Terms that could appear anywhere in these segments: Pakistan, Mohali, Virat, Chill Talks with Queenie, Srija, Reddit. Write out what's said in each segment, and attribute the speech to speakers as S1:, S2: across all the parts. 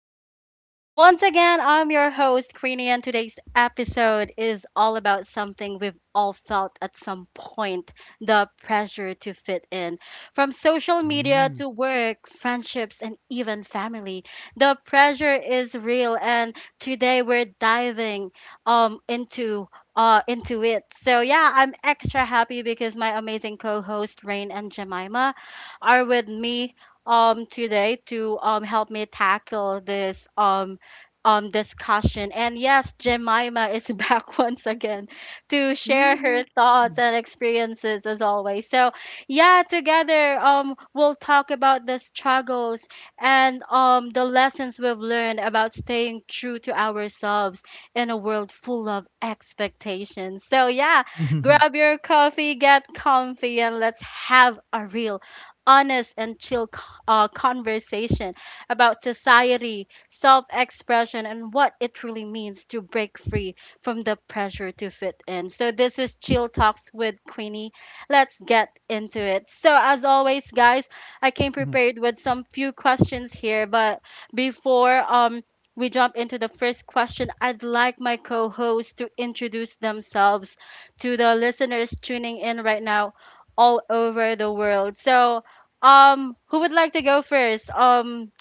S1: Queenie. Once again, I'm your host, Queenie, and today's episode is all about something we've all felt at some point, the pressure to fit in. From social media
S2: Mm.
S1: to work, friendships, and even family, the pressure is real, and today we're diving um, into into it. So yeah, I'm extra happy because my amazing co-host Rain and Jemima are with me today to help me tackle this discussion. And yes, Jemima is back once again to share her thoughts and experiences as always. So yeah, together we'll talk about the struggles and the lessons we've learned about staying true to ourselves in a world full of expectations. So yeah, grab your coffee, get comfy, and let's have a real, honest, and chill conversation about society, self expression, and what it truly means to break free from the pressure to fit in. So, this is Chill Talks with Queenie. Let's get into it. So, as always, guys, I came
S2: Mhm, mhm,
S1: prepared with some few questions here, but before, we jump into the first question. I'd like my co hosts to introduce themselves to the listeners tuning in right now all over the world. So, who would like to go first?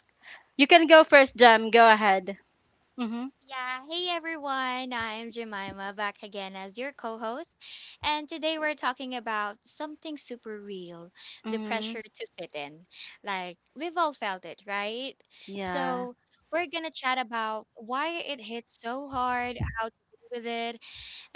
S1: You can go first, Jam. Go ahead. Mhm.
S3: Yeah, hey everyone, I'm Jemima back again as your co host. And today we're talking about something super real, the
S1: Mhm.
S3: pressure to fit in. Like, we've all felt it, right?
S1: Yeah.
S3: So, we're gonna chat about why it hits so hard, how to deal with it,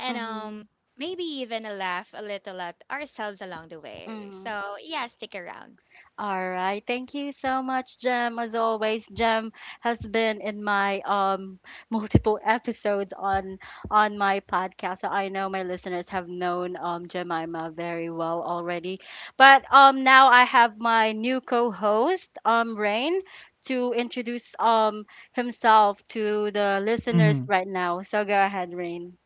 S3: and
S1: Mhm.
S3: maybe even a laugh a little at ourselves along the way.
S1: Mhm.
S3: So, yeah, stick around.
S1: All right. Thank you so much, Jem. As always, Jem has been in my multiple episodes on my podcast. So I know my listeners have known Jemima very well already. But now I have my new co-host, Rain, to introduce himself to the listeners
S2: mhm.
S1: right now. So go ahead, Rain.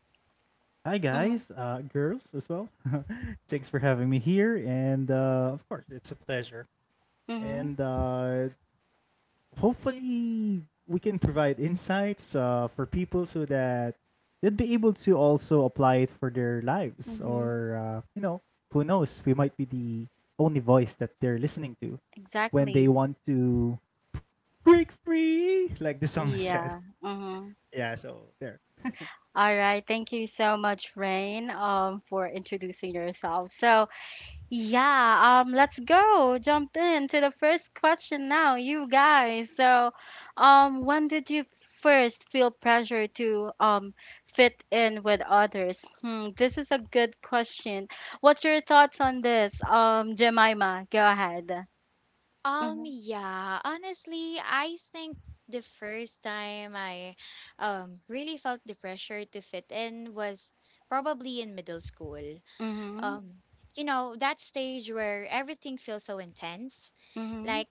S2: Hi
S1: Mm-hmm.
S2: guys, girls as well. Thanks for having me here, and of course, it's a pleasure.
S1: Mm-hmm.
S2: And Hopefully, we can provide insights for people so that they'd be able to also apply it for their lives,
S1: Mm-hmm.
S2: or who knows, we might be the only voice that they're listening to
S1: Exactly.
S2: when they want to break free, like the song said.
S1: Yeah. Mm-hmm.
S2: Yeah, so there.
S1: All right, thank you so much, Rain, for introducing yourself. So, yeah, let's go jump into the first question now, you guys. So, when did you first feel pressure to fit in with others? Hmm, this is a good question. What's your thoughts on this? Jemima, go ahead. Mhm,
S3: Yeah, honestly, I think the first time I really felt the pressure to fit in was probably in middle school.
S1: mhm,
S3: Um, you know, that stage where everything feels so intense.
S1: mhm,
S3: Like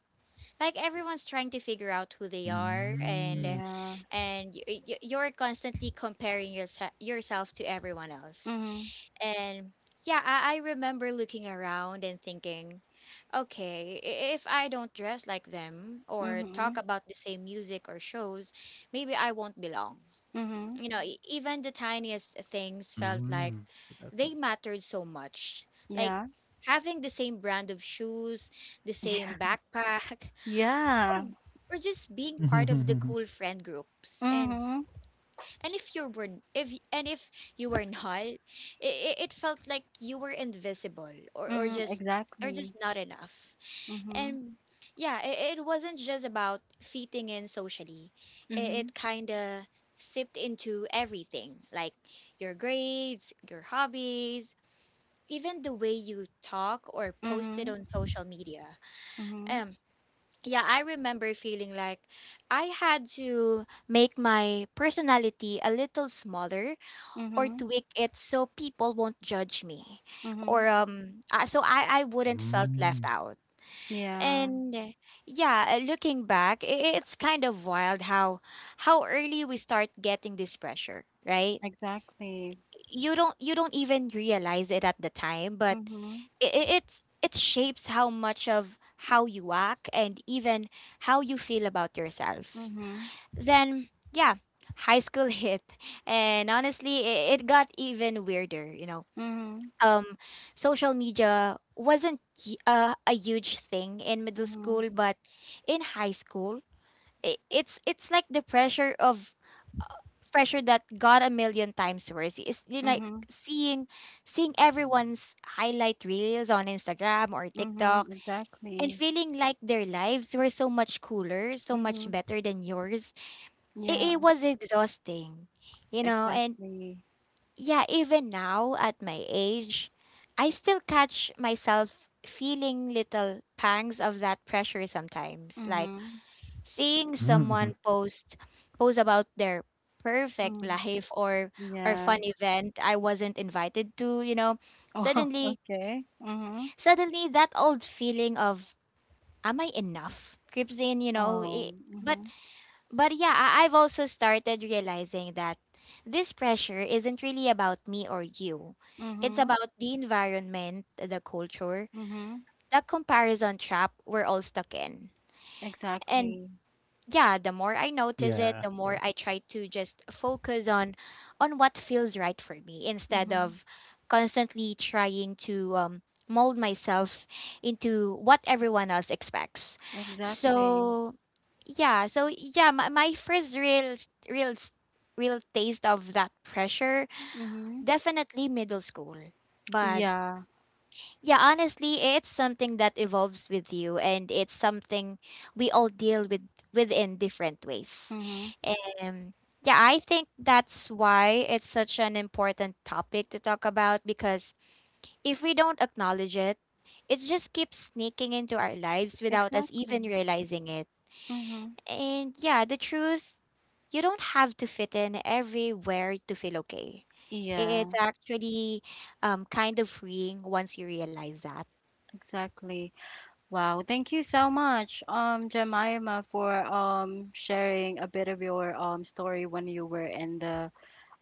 S3: like everyone's trying to figure out who they are, and
S2: Mm.
S3: uh,
S1: yeah,
S3: and y- y- you're constantly comparing yourself to everyone else.
S1: mhm,
S3: And yeah, I remember looking around and thinking, okay, if I don't dress like them or talk
S1: mhm,
S3: about the same music or shows, maybe I won't belong.
S1: mhm,
S3: You know, even the tiniest things felt like
S2: Mm. But that's fine.
S3: they mattered so much. Like
S1: yeah,
S3: having the same brand of shoes, the same backpack,
S1: yeah.
S3: or or just being part of the cool friend groups. And
S1: Mhm.
S3: and if you were if you were not it, it felt like you were invisible
S1: Mhm.
S3: or just
S1: Exactly.
S3: not enough.
S1: Mhm.
S3: And yeah, it wasn't just about fitting in socially.
S1: Mhm.
S3: It kind of sipped into everything, like your grades, your hobbies, even the way you talk or posted
S1: Mhm.
S3: on social media.
S1: Mhm.
S3: um yeah, I remember feeling like I had to make my personality a little smaller or
S1: Mhm.
S3: tweak it so people won't judge me,
S1: Mhm.
S3: or so I
S2: Mhm.
S3: wouldn't felt left
S2: Mm.
S3: out.
S1: Yeah.
S3: And Yeah, looking back, it's kind of wild how early we start getting this pressure, right?
S1: Exactly.
S3: You don't even realize it at the time, but
S1: Mhm.
S3: it shapes how much of how you act and even how you feel about yourself.
S1: Mhm.
S3: Then yeah, high school hit, and honestly, it got even weirder. You know,
S1: Mhm.
S3: um social media wasn't a huge thing in middle
S1: Mhm.
S3: school, but in high school, I it's like the pressure that got a million times worse. It's, you know, like
S1: Mhm.
S3: seeing everyone's highlight reels on Instagram or TikTok
S1: Mhm.
S3: and
S1: Exactly.
S3: feeling like their lives were so much cooler, so much
S1: Mhm.
S3: better than yours.
S1: Yeah.
S3: It was exhausting, you know. And
S1: Exactly.
S3: yeah, even now at my age, I still catch myself feeling little pangs of that pressure sometimes. Like
S1: Mhm.
S3: seeing
S2: Mm, mhm.
S3: someone post about their perfect
S1: Mhm.
S3: life or fun
S1: Yeah.
S3: event I wasn't invited to, you know.
S1: Oh.
S3: Suddenly,
S1: Okay. Mhm.
S3: Suddenly that old feeling of am I enough creeps in, you know.
S1: Oh.
S3: But
S1: Mhm.
S3: but yeah, I- I've also started realizing that this pressure isn't really about me or you. It's
S1: Mhm.
S3: about the environment, the culture,
S1: Mhm.
S3: the comparison trap we're all stuck in. And
S1: Exactly.
S3: yeah, the more I notice
S2: Yeah.
S3: it, the
S2: Yeah.
S3: more I try to just focus on what feels right for me instead
S1: Mhm.
S3: of constantly trying to mold myself into what everyone else expects.
S1: Exactly.
S3: So yeah so yeah my first real taste of that pressure,
S1: Mhm.
S3: definitely middle school. But
S1: Yeah.
S3: yeah, honestly, it's something that evolves with you, and it's something we all deal with within different ways.
S1: Mhm.
S3: Um yeah, I think that's why it's such an important topic to talk about, because if we don't acknowledge it, it just keeps sneaking into our lives without us even
S1: Exactly.
S3: realizing it.
S1: Mm-hmm.
S3: And yeah, the truth, you don't have to fit in everywhere to feel okay.
S1: Yeah,
S3: It's actually kind of freeing once you realize that.
S1: exactly. Wow, thank you so much, Jemima, for sharing a bit of your story when you were in the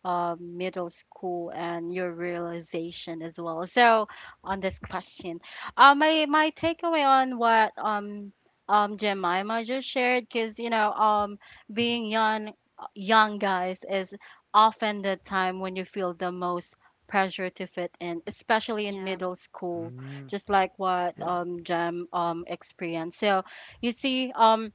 S1: middle school, and your realization as well. So on this question, my takeaway on what Jemima just shared, because you know
S2: Mhm.
S1: being young, guys, is often the time when you feel the most pressure to fit in, especially in
S3: Yeah.
S1: middle school,
S2: Mm.
S1: just like what
S2: Yeah.
S1: Jem experienced. So you see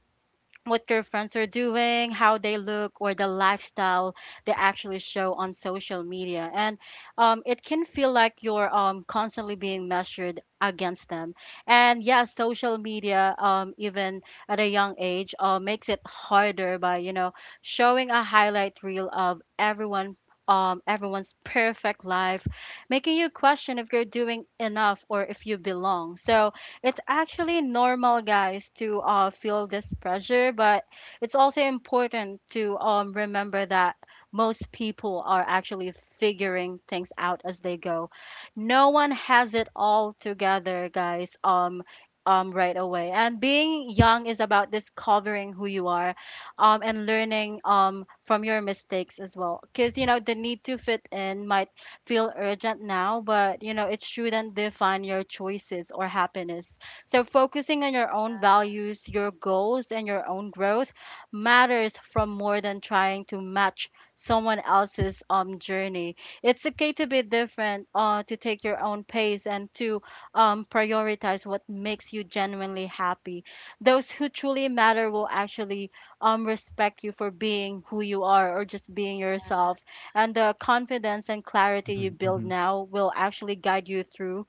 S1: what your friends are doing, how they look, or the lifestyle they actually show on social media. And it can feel like you're constantly being measured against them. And yeah, social media, even at a young age, makes it harder by, you know, showing a highlight reel of everyone. Everyone's perfect life, making you question if you're doing enough or if you belong. So, it's actually normal, guys, to feel this pressure, but it's also important to remember that most people are actually figuring things out as they go. No one has it all together, guys. Right away. And being young is about discovering who you are, and learning from your mistakes as well. Because you know the need to fit in might feel urgent now, but you know, it shouldn't define your choices or happiness. So focusing on your own values, your goals, and your own growth matters from more than trying to match someone else's journey. It's okay to be different, to take your own pace and to prioritize what makes you genuinely happy. Those who truly matter will actually respect you for being who you are or just being yourself, and the confidence and clarity
S2: Mhm,
S1: you
S2: mhm.
S1: build now will actually guide you through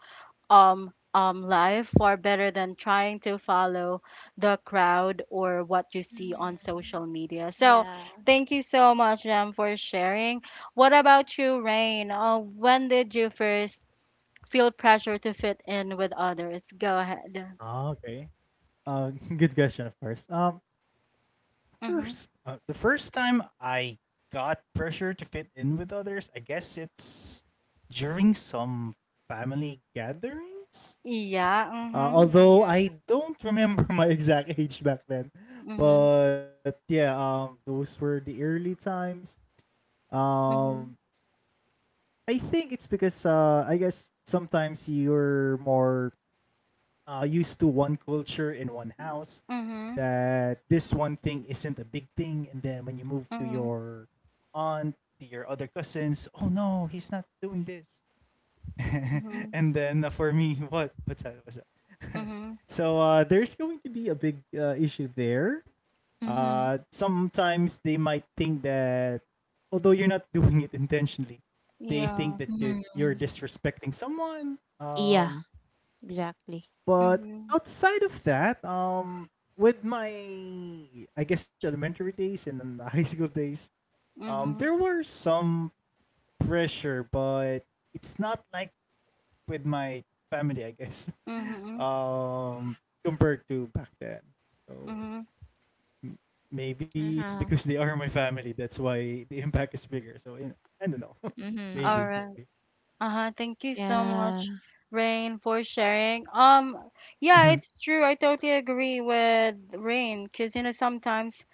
S1: life far better than trying to follow the crowd or what you see on
S3: Mhm.
S1: social media. So
S3: Yeah.
S1: thank you so much, Jam, for sharing. What about you, Rain? When did you first feel pressure to fit in with others? Go ahead.
S2: Okay. Uh, Good question, of course. Um,
S1: Mm-hmm.
S2: first, uh, the first time I got pressure to fit in with others, I guess it's during some family gatherings.
S1: Yeah. Mm-hmm.
S3: Mhm.
S2: Although
S3: Yeah.
S2: I don't remember my exact age back then, but yeah, those were the early times.
S1: Mm-hmm.
S2: Um, I think it's because I guess sometimes you're more used to one culture in one house,
S1: Mm-hmm.
S2: that this one thing isn't a big thing, and then when you move to
S1: Mm-hmm. Mm-hmm.
S2: your aunt, to your other cousins, oh no, he's not doing this.
S1: Mm-hmm.
S2: And then for me, what? What's that? What's that?
S1: Mm-hmm.
S2: So there's going to be a big issue there.
S3: Mhm.
S2: Sometimes they might think that, although you're not doing it intentionally, they think
S1: Yeah.
S2: that you
S3: Mhm.
S2: you're disrespecting someone.
S3: Yeah, exactly.
S2: But
S1: Mm-hmm.
S2: outside of that, with my, I guess, elementary days and then the high school days, there
S1: Mm-hmm.
S2: were some pressure, but it's not like with my family, I guess,
S1: Mhm,
S2: um, compared to back then. So
S1: mhm.
S2: M- Maybe it's
S3: Uh-huh.
S2: because they are my family. That's why the impact is bigger. So you know, I don't know.
S1: All
S2: Maybe,
S3: Mhm.
S1: right.
S2: maybe.
S1: Uh-huh. Thank you so
S3: Yeah.
S1: much, Rain, for sharing. Yeah,
S2: Mhm,
S1: it's true. I totally agree with Rain, cause you know sometimes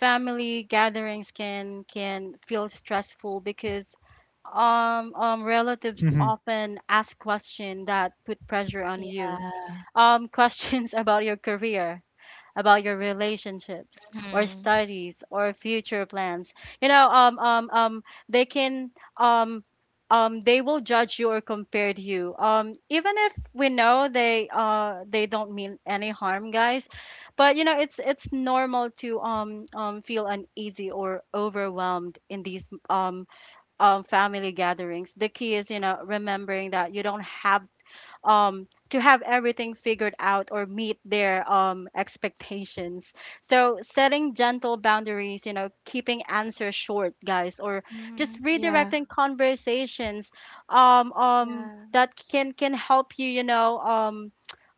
S1: family gatherings can feel stressful because relatives
S2: mhm,
S1: often ask questions that put pressure on you.
S3: Yeah.
S1: Questions about your career, about your relationships or
S3: Mhm.
S1: studies or future plans. You know, they can, um, they will judge you or compare to you. Even if we know they don't mean any harm, guys. But you know, it's normal to feel uneasy or overwhelmed in these family gatherings. The key is, you know, remembering that you don't have to have everything figured out or meet their expectations. So setting gentle boundaries, you know, keeping answers short, guys, or
S3: Mhm.
S1: just
S3: Yeah.
S1: redirecting conversations
S3: Yeah.
S1: that can help you, you know, um,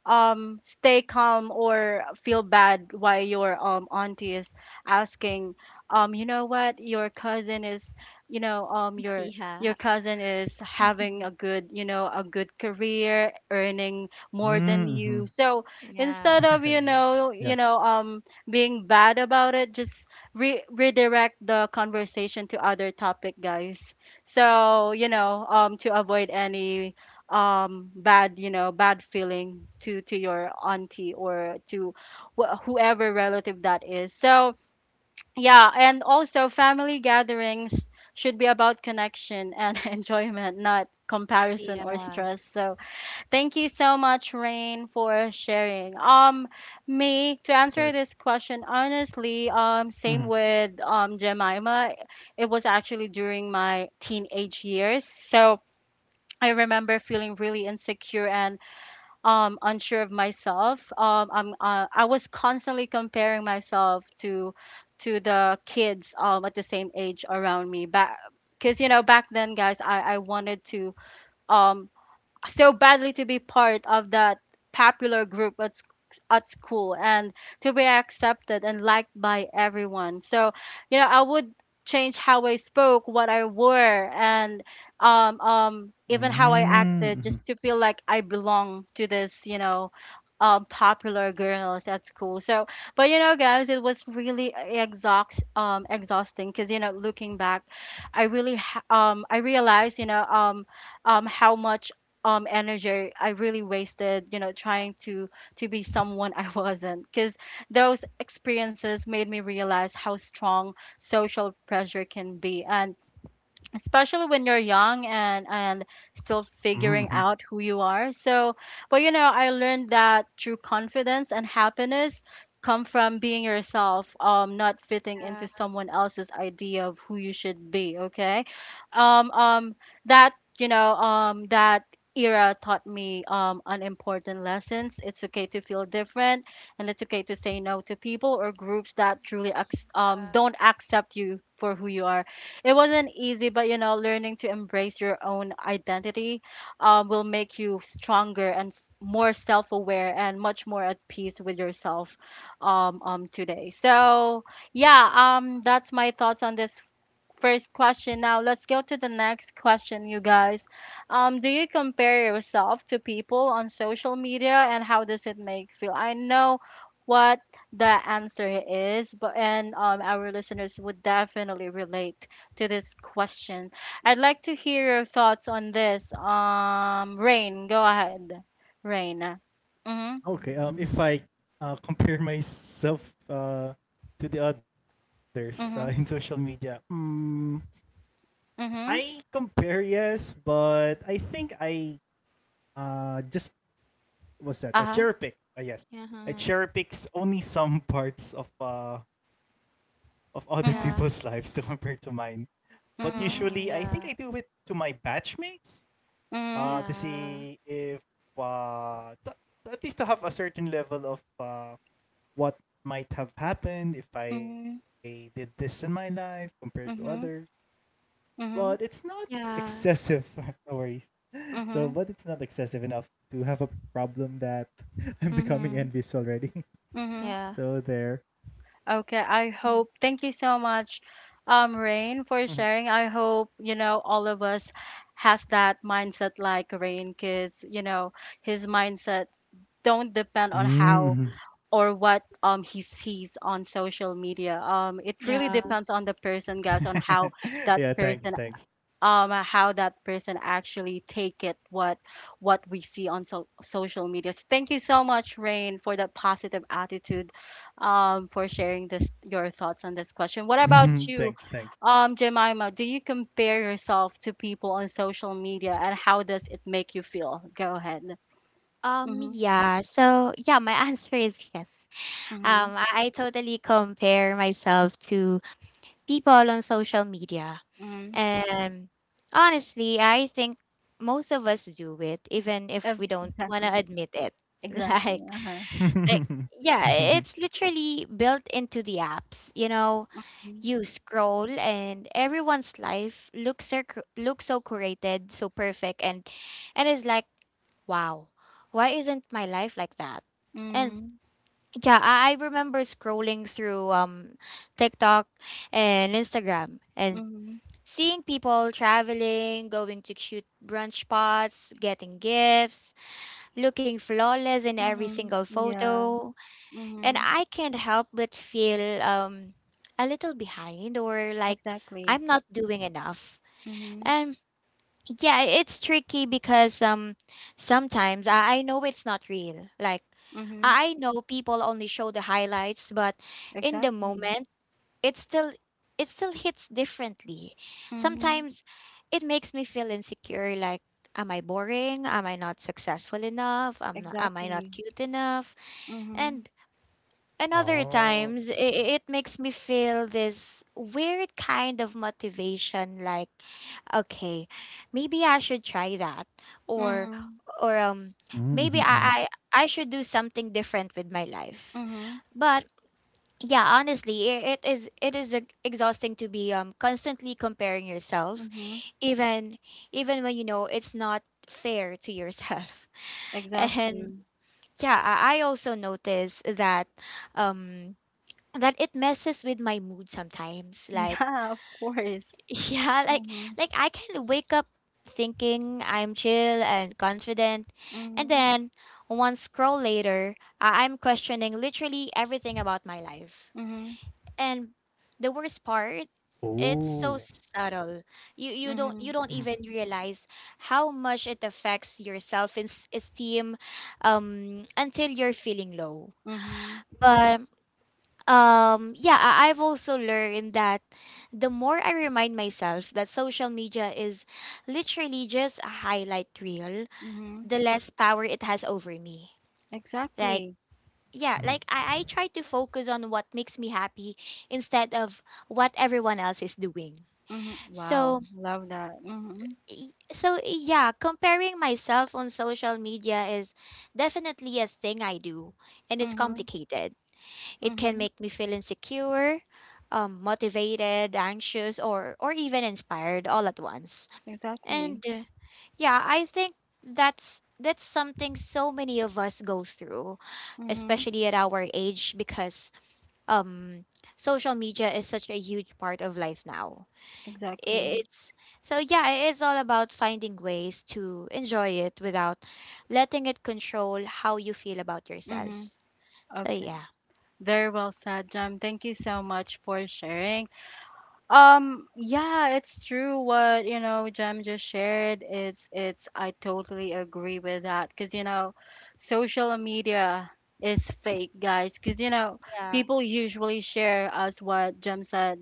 S1: um stay calm, or feel bad why your auntie is asking you know what your cousin is, you know, your
S3: Yeah.
S1: cousin is having
S3: Mhm.
S1: a good, you know, a good career, earning more
S2: mm,
S1: than you.
S2: mhm.
S1: So instead
S3: Yeah.
S1: of, you
S2: Yeah.
S1: know you
S2: Yeah,
S1: know um being bad about it, just redirect the conversation to other topic, guys. So you know, to avoid any bad, you know, bad feeling to your auntie or to whoever relative that is. So yeah, and also family gatherings should be about connection and enjoyment, not comparison or
S3: Yeah.
S1: stress. So thank you so much, Rain, for sharing. Me to
S2: of
S1: answer this
S2: course.
S1: question honestly,
S2: Mhm,
S1: same with Jemima, it was actually during my teenage years. So I remember feeling really insecure and unsure of myself. I was constantly comparing myself to the kids at the same age around me back, because you know back then, guys, I wanted to um so badly to be part of that popular group at school, and to be accepted and liked by everyone. So, you know, I would change how I spoke, what I wore, and even how I
S2: mm,
S1: acted
S2: mhm,
S1: just to feel like I belong to this, you know, popular girls at school. So, but you know, guys, it was really exhausting because, you know, looking back, I really, I realized, you know, how much energy I really wasted, you know, trying to be someone I wasn't, because those experiences made me realize how strong social pressure can be, and especially when you're young and still
S2: mm,
S1: figuring
S2: mhm.
S1: out who you are. So but you know, I learned that true confidence and happiness come from being yourself, not fitting into
S3: Yeah.
S1: someone else's idea of who you should be. Okay, um um that you know, that era taught me unimportant lessons. It's okay to feel different, and it's okay to say no to people or groups that truly don't accept you for who you are. It wasn't easy, but you know, learning to embrace your own identity will make you stronger and more self aware and much more at peace with yourself today. So, yeah, that's my thoughts on this first question. Now let's go to the next question, you guys. Do you compare yourself to people on social media, and how does it make you feel? I know what the answer is, but, and our listeners would definitely relate to this question. I'd like to hear your thoughts on this. Rain, go ahead. Rain. Mhm.
S2: Okay. If I compare myself to the others in social
S1: Mhm.
S2: media, I
S1: Mhm.
S2: compare, yes, but I think I just, was that a
S1: Uh-huh.
S2: cherry pick? Yes, I
S3: Uh-huh.
S2: cherry picks only some parts of of other people's
S1: Mhm.
S2: lives
S3: Yeah.
S2: to compare to mine. But usually, I
S1: Mhm.
S3: Mhm.
S2: think I do
S3: Yeah.
S2: it to my batchmates to
S3: Yeah.
S2: see if uh t- at least to have a certain level of what might have happened if I
S1: Mhm.
S2: did this in my life compared to others.
S1: Mhm.
S2: But
S1: Mhm.
S2: it's
S1: Mhm.
S2: not
S3: Yeah.
S2: excessive. No worries. So, but
S1: Mhm.
S2: it's not excessive enough to have a problem that I'm becoming
S3: Mhm.
S2: envious already.
S1: Mhm.
S3: Yeah.
S2: So there.
S1: Okay, I
S3: Mm.
S1: hope. Thank you so much,
S2: Mhm.
S1: Rain, for sharing. I hope, you know, all of us has that mindset like Rain, because, you know, his mindset don't depend on
S2: Mm,
S1: how
S2: mhm.
S1: or what he sees on social media. It really
S3: Yeah.
S1: depends on the person, guys, on
S2: Yeah, thanks,
S1: that
S2: thanks.
S1: person how that person actually take it, what we see on social media. So thank you so much, Rain, for that positive attitude, for sharing this your thoughts on this question. What about
S2: Mhm.
S1: you,
S2: Thanks, thanks.
S1: Jemima? Do you compare yourself to people on social media, and how does it make you feel? Go ahead. Mm-hmm,
S3: Yeah. So, yeah, my answer is yes.
S1: mm-hmm,
S3: I totally compare myself to people on social media.
S1: mm-hmm.
S3: And honestly, I think most of us do it, even if we don't want to
S1: Exactly,
S3: admit it.
S1: exactly.
S3: Like,
S1: Uh-huh.
S3: like, yeah, it's literally built into the apps. You know, you scroll and everyone's life looks looks so curated, so perfect, and it's like, wow, why isn't my life like that? And
S1: Mm-hmm,
S3: yeah, I remember scrolling through TikTok and Instagram and
S1: mm-hmm,
S3: seeing people traveling, going to cute brunch spots, getting gifts, looking flawless in every
S1: mm-hmm.
S3: single
S1: Yeah.
S3: photo, and
S1: Mm-hmm,
S3: I can't help but feel a little behind, or like
S1: exactly.
S3: I'm not doing enough.
S1: Mm-hmm.
S3: And yeah, it's tricky because sometimes I know it's not real. Like
S1: Mhm.
S3: I I know people only show the highlights, but in the
S1: Exactly.
S3: moment it still it still hits differently.
S1: Mhm.
S3: Sometimes it makes me feel insecure, like am I boring? Am I not successful enough? Am I not
S1: Exactly.
S3: cute enough?
S1: Mhm.
S3: And and other
S2: Oh.
S3: times,
S2: Right.
S3: it makes me feel this weird kind of motivation, like okay, maybe I should try that, or
S1: Mhm.
S3: or um
S2: Mhm.
S3: maybe
S2: Mhm.
S3: I I should do something different with my life.
S1: Mhm.
S3: But yeah, honestly, it is exhausting to be constantly comparing yourself,
S1: Mhm.
S3: even even when you know it's not fair to yourself. And
S1: Exactly.
S3: yeah, I also notice that um that it messes with my mood sometimes. Like
S1: Yeah, of course.
S3: yeah, like
S1: Mhm.
S3: like I can wake up thinking I'm chill and confident, and
S1: Mhm.
S3: then one scroll later, I'm questioning literally everything about my life.
S1: Mhm.
S3: And the worst part, it's
S2: Oh.
S3: so subtle. You you don't you
S1: Mhm.
S3: don't
S2: Mhm.
S3: even realize how much it affects your self-esteem until you're feeling low.
S1: Mhm.
S3: But yeah, I've also learned that the more I remind myself that social media is literally just a highlight reel,
S1: Mhm.
S3: the less power it has over me. like
S1: Exactly.
S3: yeah like
S2: Mhm.
S3: i, I try to focus on what makes me happy instead of what everyone else is doing.
S1: Mhm. Wow,
S3: so
S1: love that. Mhm.
S3: y- so yeah, comparing myself on social media is definitely a thing I do, and it's
S1: Mhm.
S3: complicated. It can
S1: Mhm.
S3: make me feel insecure, motivated, anxious, or even inspired all at once.
S1: Exactly.
S3: And Yeah, I think that's something so many of us go through,
S1: Mhm.
S3: especially at our age, because um, social media is such a huge part of life now. I-
S1: Exactly.
S3: It's So yeah, it's all about finding ways to enjoy it without letting it control how you feel about
S1: Mhm.
S3: yourselves. So
S1: Okay.
S3: yeah.
S1: Very well said, Jam. Thank you so much for sharing. Yeah, it's true what, you know, Jem just shared. It's I totally agree with that because, you know, social media is fake, guys, because, you know, people usually share as what Jem said,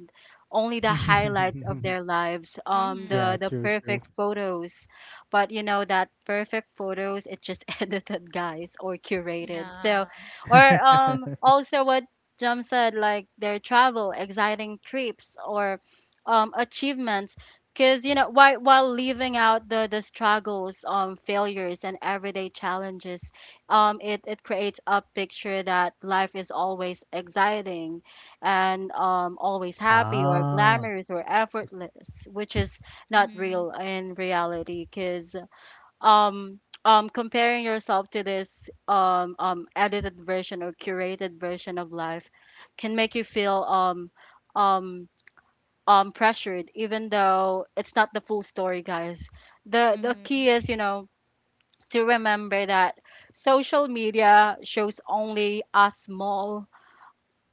S1: only the highlights of their
S2: Mhm.
S1: lives,
S3: Yeah.
S1: the
S2: Yeah,
S1: the
S2: true,
S1: perfect
S2: true.
S1: photos. But, you know, that perfect photos, it's just edited, guys, or curated. So,
S3: Yeah.
S1: or also what Jam said like their travel, exciting trips, or achievements because you know while leaving out the struggles failures and everyday challenges, it creates a picture that life is always exciting and, always
S2: Ah.
S1: happy or glamorous or effortless, which is not
S3: Mhm.
S1: real in reality. Because um, comparing yourself to this edited version or curated version of life can make you feel um, pressured, even though it's not the full story, guys. The
S3: Mhm.
S1: key is, you know, to remember that social media shows only a small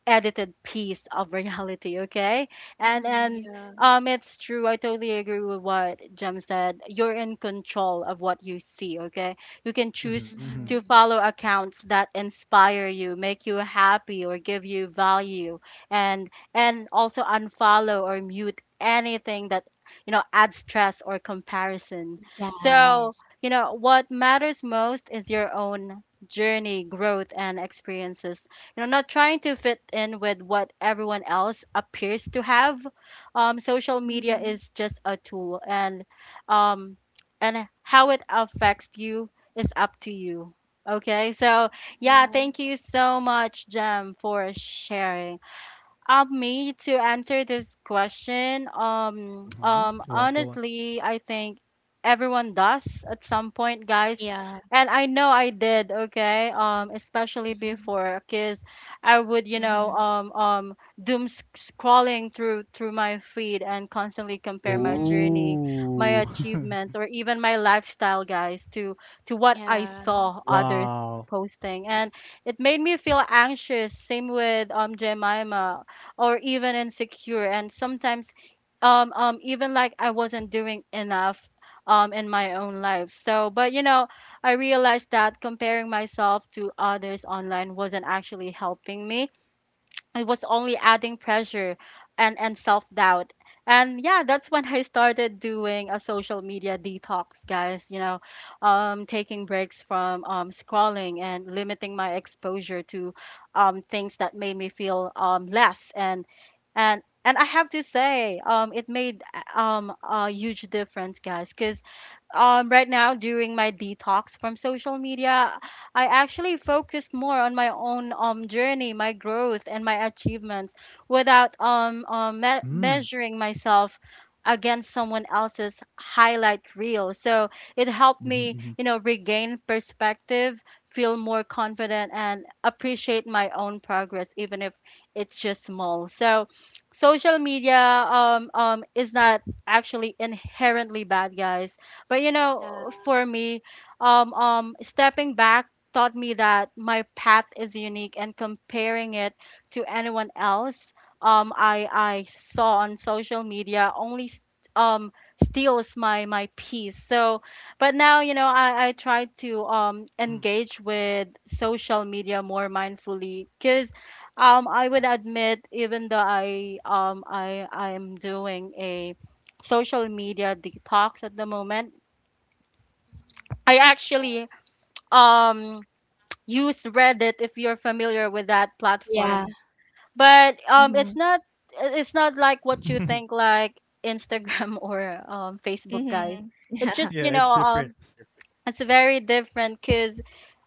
S1: edited piece of reality, okay?
S3: Mhm.
S1: And
S3: Yeah.
S1: it's true, I totally agree with what Jem said. You're in control of what you see, okay? You can choose
S2: Mhm,
S1: to
S2: mhm,
S3: Mhm.
S1: follow accounts that inspire you, make you happy, or give you value, and also unfollow or mute anything that, you know, adds stress or comparison. So,
S3: Yes.
S1: you know, what matters most is your own journey, growth, and experiences, you know, not trying to fit in with what everyone else appears to have. Social media
S3: Mhm.
S1: is just a tool, um and how it affects you is up to you, okay? So yeah,
S3: Yeah.
S1: thank you so much, Jem, for sharing. Me, to answer this question,
S2: mhm. Go on, go on.
S1: honestly, I think everyone does at some point, guys.
S3: Yeah.
S1: And I know I did, okay? Especially
S3: Mhm.
S1: before, because I would, you know,
S3: Mhm.
S1: doom scrolling through my feed and constantly compare my
S3: Mhm.
S1: journey, my
S2: Oh.
S1: achievement, or even my lifestyle, guys, to what I
S3: Yeah.
S1: saw others
S2: Wow.
S1: posting. And it made me feel anxious. Same with Jemima, or even insecure, and sometimes even like I wasn't doing enough in my own life. So, but you know, I realized that comparing myself to others online wasn't actually helping me. It was only adding pressure and self-doubt. And yeah, that's when I started doing a social media detox, guys. You know, taking breaks from scrolling and limiting my exposure to things that made me feel less. And and I have to say, it made a huge difference, guys, cuz right now during my detox from social media, I actually focused more on my own journey, my growth, and my achievements without,
S2: Mm.
S1: measuring myself against someone else's highlight reel. So it helped
S2: Mhm.
S1: me,
S2: Mhm.
S1: you know, regain perspective, feel more confident, and appreciate my own progress even if it's just small. So social media, is not actually inherently bad, guys. But you
S3: Yeah.
S1: know, for me, stepping back taught me that my path is unique, and comparing it to anyone else, I saw on social media, only um steals my my peace. So, but now you know, I try to
S2: Mm.
S1: engage with social media more mindfully, cause I would admit, even though I I am doing a social media detox at the moment,
S3: Mhm.
S1: I actually um use Reddit, if you're familiar with that
S3: Yeah.
S1: platform. But it's
S3: Mhm.
S1: not, it's not
S2: Oh,
S1: like
S2: okay.
S1: what you think, like Instagram or Facebook, guys.
S3: Mhm.
S1: It's
S3: Yeah.
S1: just, you
S2: Yeah,
S1: know,
S2: it's different. It's different.
S1: it's very different because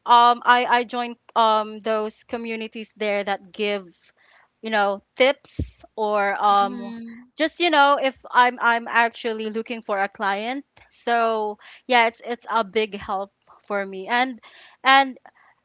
S1: I joined those communities there that give, you know, tips, or
S3: Mhm.
S1: just you know, if I'm I'm actually looking for a client. So yeah, it's a big help for me. And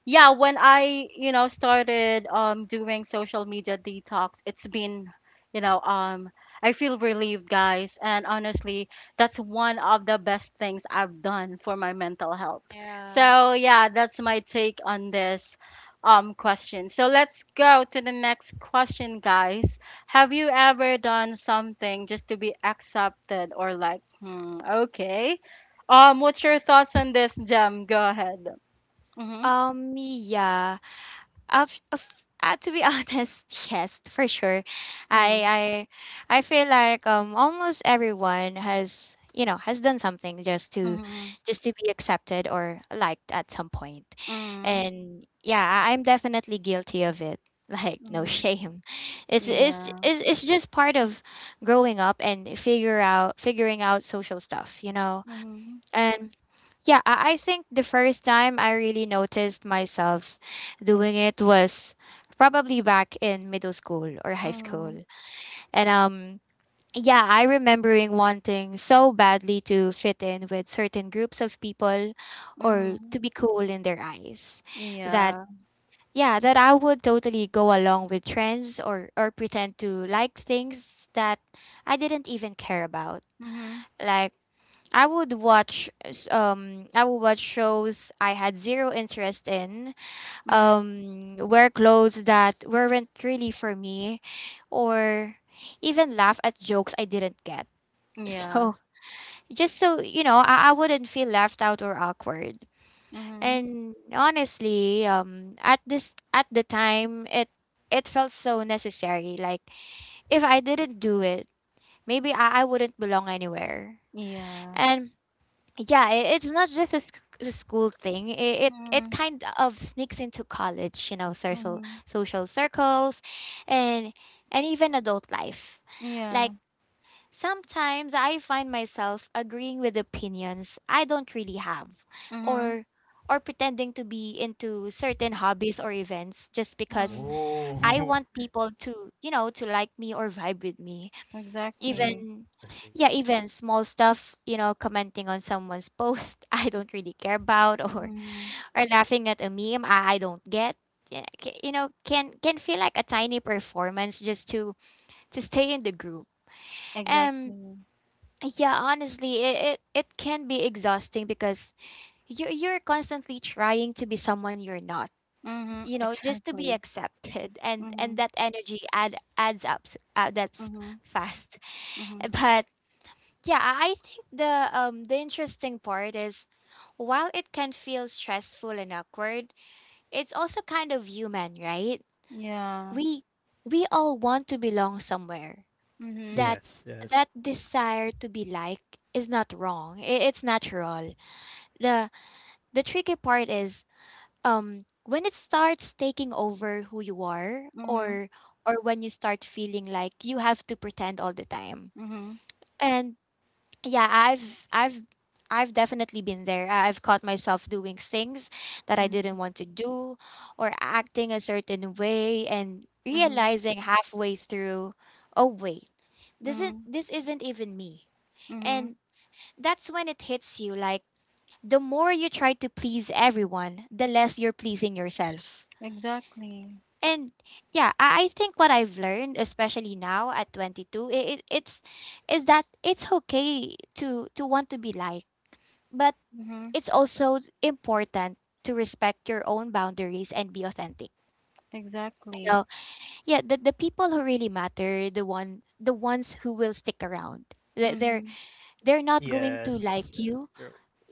S1: yeah, when I, you know, started doing social media detox, it's been, you know, I feel relieved, guys, and honestly, that's one of the best things I've done for my mental health.
S3: Yeah.
S1: So yeah, that's my take on this question. So let's go to the next question, guys. Have you ever done something just to be accepted or like, hmm, okay, what's your thoughts on this, Gem? Go ahead. Mm-hmm,
S3: Yeah. Of, of, to be honest, yes, for sure.
S1: mm-hmm.
S3: I I feel like almost everyone has, you know, has done something just to
S1: Mhm,
S3: be accepted or liked at some point,
S1: mhm,
S3: and yeah, I'm definitely guilty of it. Like no
S1: mhm.
S3: shame, it's j-
S1: Yeah.
S3: it's just part of growing up and figure out figuring out social stuff. You know,
S1: Mhm,
S3: and yeah, I think the first time I really noticed myself doing it was probably back in middle school or high
S1: mhm,
S3: school. And yeah, I remembering wanting so badly to fit in with certain groups of people or
S1: mhm.
S3: to be cool in their eyes. That
S1: Yeah.
S3: yeah, that I would totally go along with trends or pretend to like things that I didn't even care about.
S1: Mhm,
S3: Like I would watch shows I had zero interest in,
S1: mhm.
S3: wear clothes that weren't really for me, or even laugh at jokes I didn't get. So
S1: Yeah.
S3: just so you know, I wouldn't feel left out or awkward.
S1: Mhm.
S3: And honestly, at the time, it felt so necessary. Like if I didn't do it, maybe I wouldn't belong anywhere.
S1: Yeah.
S3: And yeah, it's not just a school thing. It
S1: Mhm,
S3: kind of sneaks into college, you know,
S1: mhm.
S3: social circles and even adult life. Like
S1: Yeah.
S3: sometimes I find myself agreeing with opinions I don't really have,
S1: Mhm,
S3: or pretending to be into certain hobbies or events just because
S1: mhm.
S3: I
S2: Oh.
S3: want people to, you know, to like me or vibe with me.
S2: Mm.
S1: Exactly.
S3: even
S2: I see.
S3: yeah, Even small stuff, you know, commenting on someone's post I don't really care about,
S1: Mhm.
S3: or laughing at a meme I don't get. Yeah, you know, can feel like a tiny performance just to stay in the group. Um
S1: Exactly.
S3: yeah, honestly, it can be exhausting because you're constantly trying to be someone you're not.
S1: Mhm.
S3: You know, just to be
S1: Exactly.
S3: accepted. And
S1: Mhm,
S3: that energy adds up
S1: mhm,
S3: fast.
S1: mhm.
S3: But yeah, I think the interesting part is, while it can feel stressful and awkward, it's also kind of human, right?
S1: Yeah.
S3: We we all want to belong somewhere.
S1: Mhm,
S3: That
S2: Yes,
S3: that
S2: yes.
S3: desire to be liked is not wrong. It's natural. The the tricky part is when it starts taking over who you are,
S1: mhm,
S3: or when you start feeling like you have to pretend all the time.
S1: mhm,
S3: And yeah, I've definitely been there. I've caught myself doing things that I
S1: mhm,
S3: didn't want to do, or acting a certain way and
S1: mhm,
S3: realizing halfway through, oh wait, this is
S1: mhm,
S3: this isn't even me.
S1: mhm.
S3: And that's when it hits you, like, the more you try to please everyone, the less you're pleasing yourself.
S1: Exactly.
S3: And yeah, I think what I've learned, especially now at 22, it, it's is that it's okay to want to be liked, but
S1: Mhm.
S3: it's also important to respect your own boundaries and be authentic. You
S1: Exactly.
S3: know, yeah, the people who really matter, the ones who will stick around, They- They're
S1: Mhm.
S3: they're not going to
S2: Yes,
S3: like
S2: yes,
S3: you
S2: true.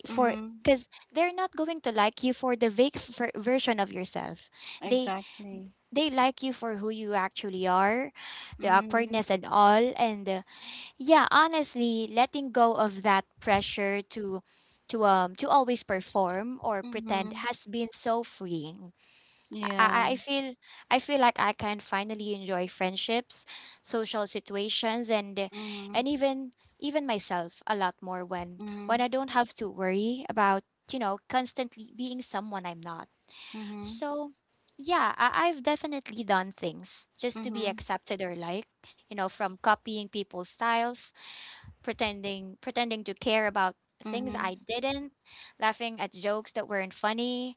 S3: for—
S1: Mhm.
S3: because they're not going to like you for the version of yourself. They
S1: Exactly.
S3: they like you for who you actually are, the
S1: Mhm.
S3: awkwardness and all, and the— Yeah, honestly, letting go of that pressure to always perform or pretend
S1: Mhm.
S3: has been so freeing. I I
S1: Yeah.
S3: I feel I feel like I can finally enjoy friendships, social situations,
S1: Mhm.
S3: and even myself a lot more when
S1: Mhm.
S3: I don't have to worry about, you know, constantly being someone I'm not.
S1: Mhm.
S3: So, yeah, I've definitely done things just to be
S1: Mhm.
S3: accepted or liked, you know, from copying people's styles, pretending to care about things I
S1: Mhm.
S3: didn't, laughing at jokes that weren't funny.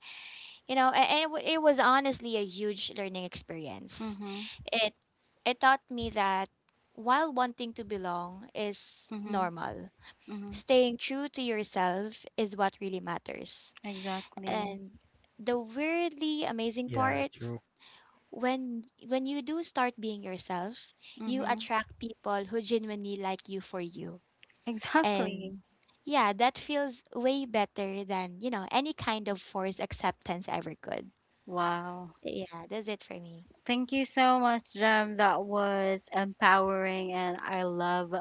S3: You know, it was honestly a huge learning experience.
S1: Mhm.
S3: It it taught me that while wanting to belong is
S1: Mhm.
S3: normal,
S1: Mhm.
S3: staying true to yourself is what really matters.
S1: Exactly.
S3: And the weirdly amazing
S2: Yeah,
S3: part—
S2: true.
S3: when when you do start being yourself, you
S1: Mhm.
S3: attract people who genuinely like you for you. And
S1: Exactly.
S3: yeah, that feels way better than, you know, any kind of forced acceptance ever could.
S1: Wow.
S3: So yeah, that's it for me.
S1: Thank you so much, Jem. That was empowering, and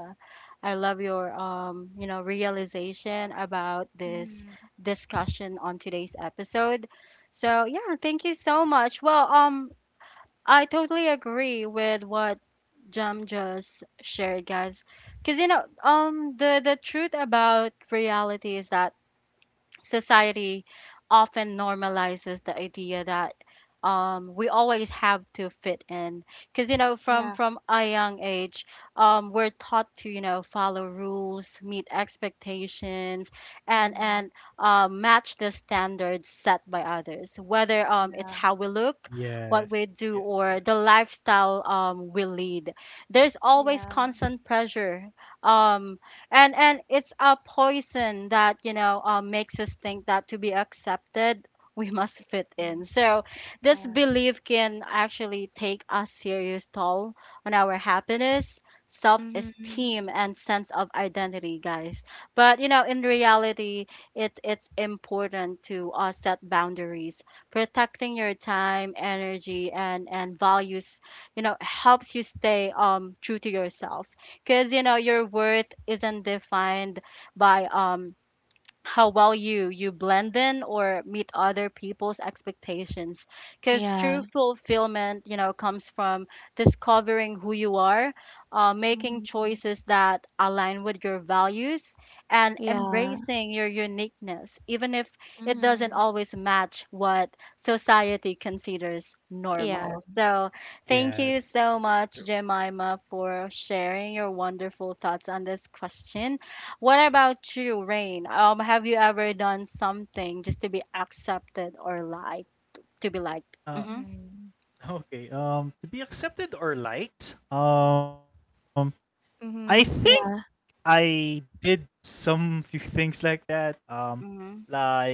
S1: I love your, you know, realization about this
S3: Mm-hmm.
S1: discussion on today's episode. So yeah, thank you so much. Well, I totally agree with what Jam just shared, guys. Because you know, the truth about reality is that society often normalizes the idea that, we always have to fit in, because you know,
S3: Yeah.
S1: from a young age, we're taught to, you know, follow rules, meet expectations, and match the standards set by others, whether, it's how we look, what
S2: Yes,
S1: we do,
S2: yes,
S1: or
S2: yes.
S1: the lifestyle, we lead. There's always
S3: Yeah.
S1: constant pressure, um, and it's a poison that, you know, makes us think that to be accepted we must fit
S3: Mm.
S1: in. So this
S3: Yeah.
S1: belief can actually take a serious toll on our happiness,
S3: Mm-hmm.
S1: self-esteem, and sense of identity, guys. But you know, in reality, it's important to set boundaries. Protecting your time, energy, and values, you know, helps you stay true to yourself, because you know your worth isn't defined by, how well you blend in or meet other people's expectations. Because
S3: Yeah.
S1: true fulfillment, you know, comes from discovering who you are, making
S3: Mm-hmm.
S1: choices that align with your values, and
S3: Yeah.
S1: embracing your uniqueness even if it doesn't
S3: Mm-hmm.
S1: always match what society considers
S3: Yeah.
S1: normal. So thank you
S2: Yes,
S1: so
S2: yes,
S1: much,
S2: true.
S1: Jemima, for sharing your wonderful thoughts on this question. What about you, Rain? Have you ever done something just to be accepted or liked? To be liked?
S2: Uh,
S1: Mm-hmm.
S3: Mm-hmm.
S2: okay. To be accepted or liked, I think
S3: Mm-hmm. Yeah.
S2: I did some few things like that.
S1: Mm-hmm.
S2: Like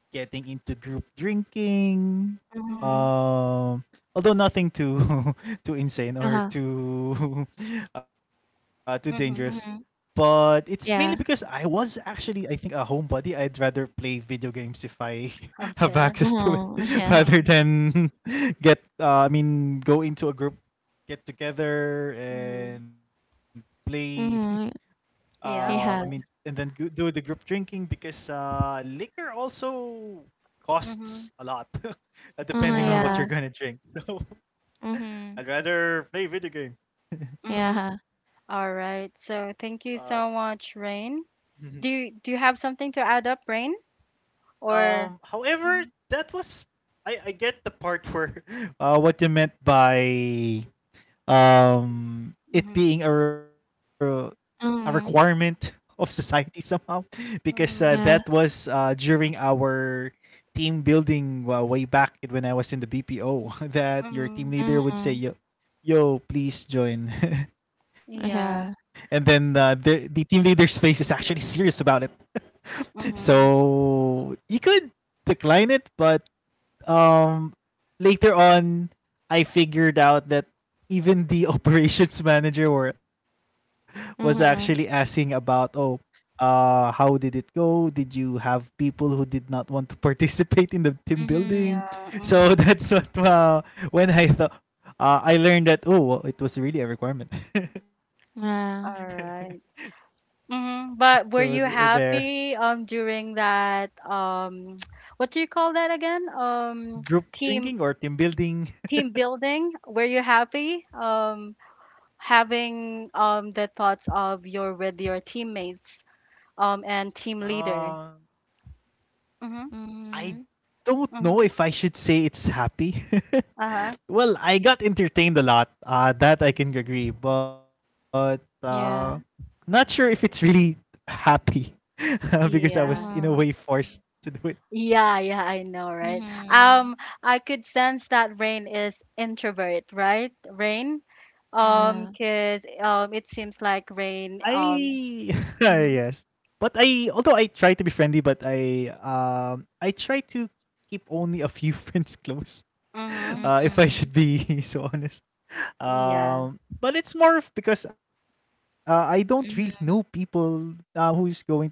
S2: getting into group drinking.
S1: Mm-hmm.
S3: Mm-hmm.
S2: Um, Although nothing too too insane or
S3: Uh-huh.
S2: too too dangerous.
S1: Mm-hmm.
S3: Mm-hmm.
S2: But it's mainly because I
S3: Yeah.
S2: was actually, I think, a homebody. I'd rather play video games if I have access
S1: Okay.
S2: to
S3: Uh-huh.
S2: it rather
S3: Yeah.
S1: Mm-hmm.
S2: than I mean, go into a group, get together,
S1: Mm-hmm.
S2: and play.
S3: Mm-hmm.
S1: Yeah.
S3: Yeah.
S2: And then do the group drinking because liquor also
S1: Mm-hmm.
S2: costs a lot,
S3: Uh-huh.
S2: depending on what
S1: Yeah.
S3: Yeah.
S2: you're gonna drink. So
S3: Mm-hmm.
S2: I'd rather play video games.
S1: Mm.
S3: Yeah.
S1: All right.
S2: Uh,
S1: So thank you so much, Rain.
S2: mhm.
S1: Do you have something to add up, Rain? Or
S2: However,
S1: mm-hmm.
S2: that was, I get the part where what you meant by it
S1: Mm-hmm.
S2: being a a requirement
S3: Mm-hmm.
S2: of society somehow. Because that
S1: Mm-hmm.
S3: Yeah.
S2: was during our team building way back when I was in the BPO, that your team
S1: Mm-hmm.
S2: leader would say,
S3: Mm-hmm.
S2: yo yo, please join. And then
S1: Yeah.
S3: Yeah.
S2: the the team leader's face is actually serious about it.
S1: Mm-hmm.
S2: So you could decline it, but um later on I figured out that even the operations manager was actually asking
S3: Mm-hmm.
S2: about, oh, how did it go, did you have people who did not want to participate in the team building?
S3: Mm-hmm.
S1: Yeah.
S2: So
S1: Mm-hmm.
S2: that's what, when I thought I learned that, oh well, it was really a requirement.
S3: Yeah.
S1: All right. Mhm.
S2: So
S1: But were
S2: th-
S1: you
S2: there
S1: happy during that what do you call that again?
S2: Group
S1: Team
S2: drinking or team building.
S1: team building? Were you happy having the thoughts of your with your teammates and team
S2: uh
S1: leader? Mhm.
S2: I
S3: Mhm.
S2: don't know
S1: Mhm.
S2: if I should say it's happy.
S1: Uh-huh.
S2: Well, I
S3: Mm.
S2: got entertained a lot. That I can agree, but not
S3: Yeah.
S2: sure if it's really happy. Because I was in
S1: Yeah.
S2: a way
S3: Uh-huh.
S2: forced to do it.
S1: Yeah, yeah, I know, right?
S3: Mhm.
S1: I could sense that Rain is introvert, right, Rain?
S3: Yeah.
S1: 'Cause it seems like
S2: I
S1: Rain
S2: yes,
S1: mhm.
S2: but I Although I try to be friendly, but I try to keep only a few friends close.
S1: Mhm.
S2: If I should
S3: Mhm.
S2: be so honest.
S1: Yeah.
S2: But it's more of because I don't really know people
S3: Mhm.
S2: who is going to have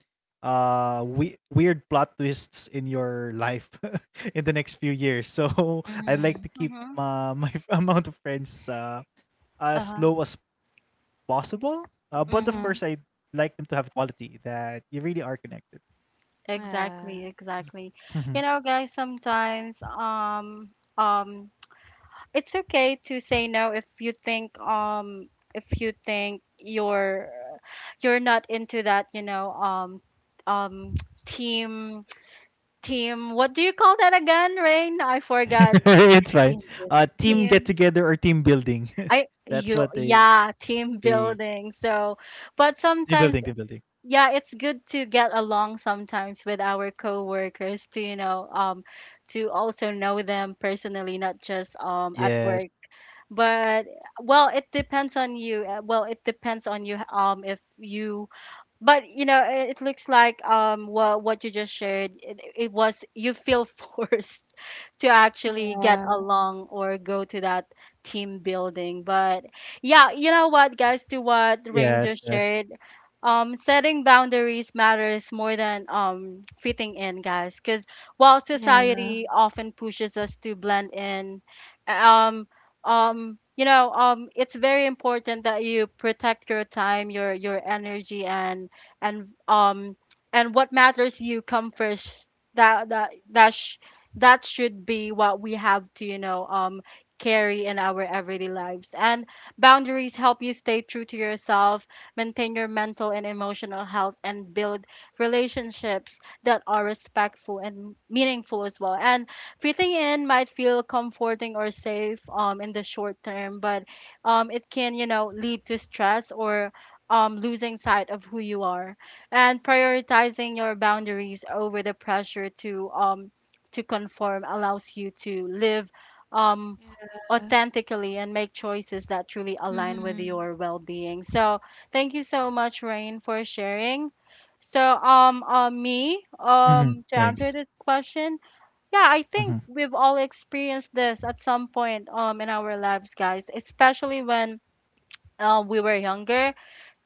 S2: weird plot twists in your life in the next few years. So I'd like to
S3: Mhm.
S2: keep
S1: Mhm.
S2: my amount of friends as
S1: Uh-huh.
S2: low as possible. But of course, I
S1: Mhm.
S3: Mhm.
S2: like them to have quality, that you really are connected.
S1: Exactly,
S3: Yeah.
S1: exactly.
S2: Mhm.
S1: You know, guys, sometimes um it's okay to say no if you think, if you think you're not into that, you know, um team team, what do you call that again, Rain? I forgot.
S2: It's fine.
S3: Yun, yun.
S2: Team get
S1: Team,
S2: together or team building.
S1: I
S2: That's
S1: you
S2: what they,
S1: yeah, team building. So,
S2: team building,
S1: but
S2: team building.
S1: sometimes, yeah, it's good to get along sometimes with our coworkers, to you know to also know them personally, not just at
S2: Yes.
S1: work. But, well it depends on you, if you. But you know, it looks like what you just shared, it was you feel forced to actually get
S3: Yeah.
S1: along or go to that team building. But yeah, you know what, guys, to
S2: Yes, yes.
S1: what Ranger shared, setting boundaries matters more than, fitting in, guys. Because while
S3: Yeah.
S1: society often pushes us to blend in, um, you know, it's very important that you protect your time, your energy, and um, and what matters, you come first. That that that that should be what we have to, you know, carry in our everyday lives. And boundaries help you stay true to yourself, maintain your mental and emotional health, and build relationships that are respectful and meaningful as well. And fitting in might feel comforting or safe, in the short term, but it can, you know, lead to stress or, losing sight of who you are. And
S3: Mhm.
S1: prioritizing your boundaries over the pressure to, to conform allows you to live, um,
S3: Yeah.
S1: authentically and make choices that truly align with
S3: Mhm.
S1: your well-being. So thank you so much, Rain, for sharing. So
S2: Mhm.
S1: me
S2: Thanks.
S1: to answer this question, yeah, I think
S2: Mhm.
S1: we've all experienced this at some point in our lives, guys, especially when we were younger.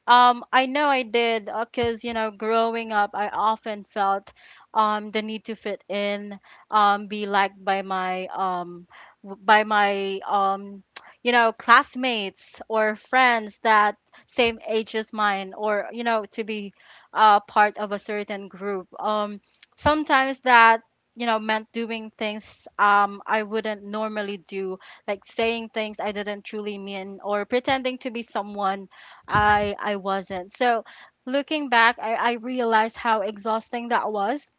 S1: I know I did because, you know, growing up, I often felt the need to fit in, be liked by my w- by my you know, classmates or friends that same age as mine, or you know, to be part of a certain group. Sometimes that you know meant doing things I wouldn't normally do, like saying things I didn't truly mean, or pretending to be someone I wasn't. So looking back, I realized how exhausting that was,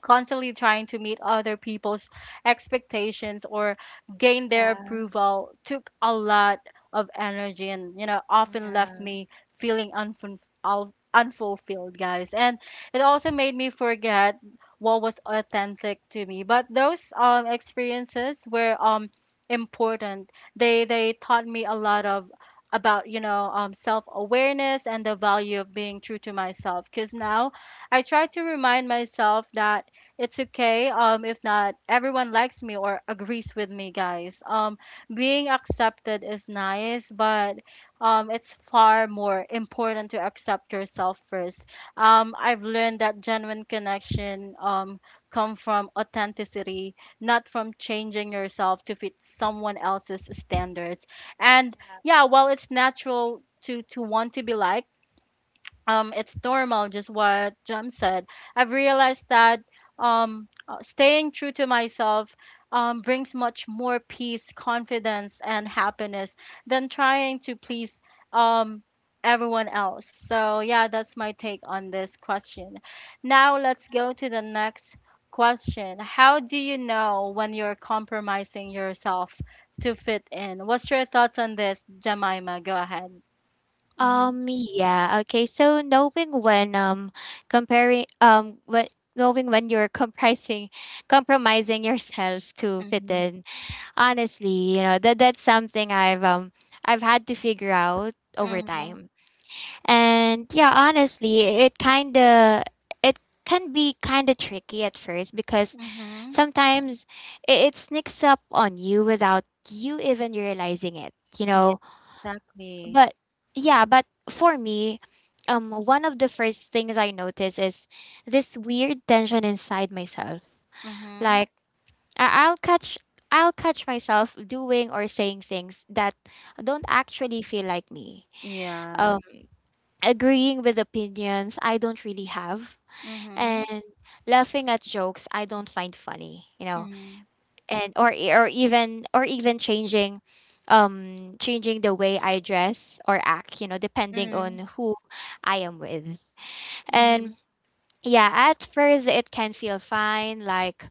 S1: constantly trying to meet other people's expectations or gain their
S3: Yeah.
S1: approval. Took a lot of energy and you know often left
S3: Yeah.
S1: me feeling unfulfilled, guys, and it also made me forget what was authentic to me. But those experiences were important. They taught me a lot of about you know self awareness and the value of being true to myself. Because now I try to remind myself that it's okay if not everyone likes me or agrees with me, guys. Being accepted is nice, but it's far more important to accept yourself first. I've learned that genuine connection come from authenticity, not from changing yourself to fit someone else's standards. And yeah, while it's natural to want to be liked, it's normal, just what Jem said. I've realized that staying true to myself brings much more peace, confidence, and happiness than trying to please um, everyone else. So, yeah, that's my take on this question. Now, let's go to the next question. How do you know when you're compromising yourself to fit in? What's your thoughts on this, Jemima? Go ahead. hmm
S3: Yeah, okay. So knowing when comparing what knowing when you're comprising compromising yourself to fit
S1: hmm
S3: in. Honestly, you know, that that's something I've had to figure out over
S1: hmm
S3: time. And yeah, honestly, it can be kind of tricky at first because
S1: Mhm.
S3: sometimes it sneaks up on you without you even realizing it, you
S1: Yeah,
S3: know.
S1: exactly.
S3: But Yeah, but for me, one of the first things I notice is this weird tension inside myself.
S1: Mhm.
S3: Like, I- I'll catch I'll catch myself doing or saying things that don't actually feel like me.
S1: Yeah.
S3: Um, agreeing with opinions I don't really have,
S1: Mhm.
S3: and laughing at jokes I don't find funny. You know,
S1: Mhm.
S3: and or e- or even changing, changing the way I dress or act, you know, depending
S1: Mhm.
S3: on who I am with. And
S1: Mhm.
S3: yeah, at first it can feel fine, like,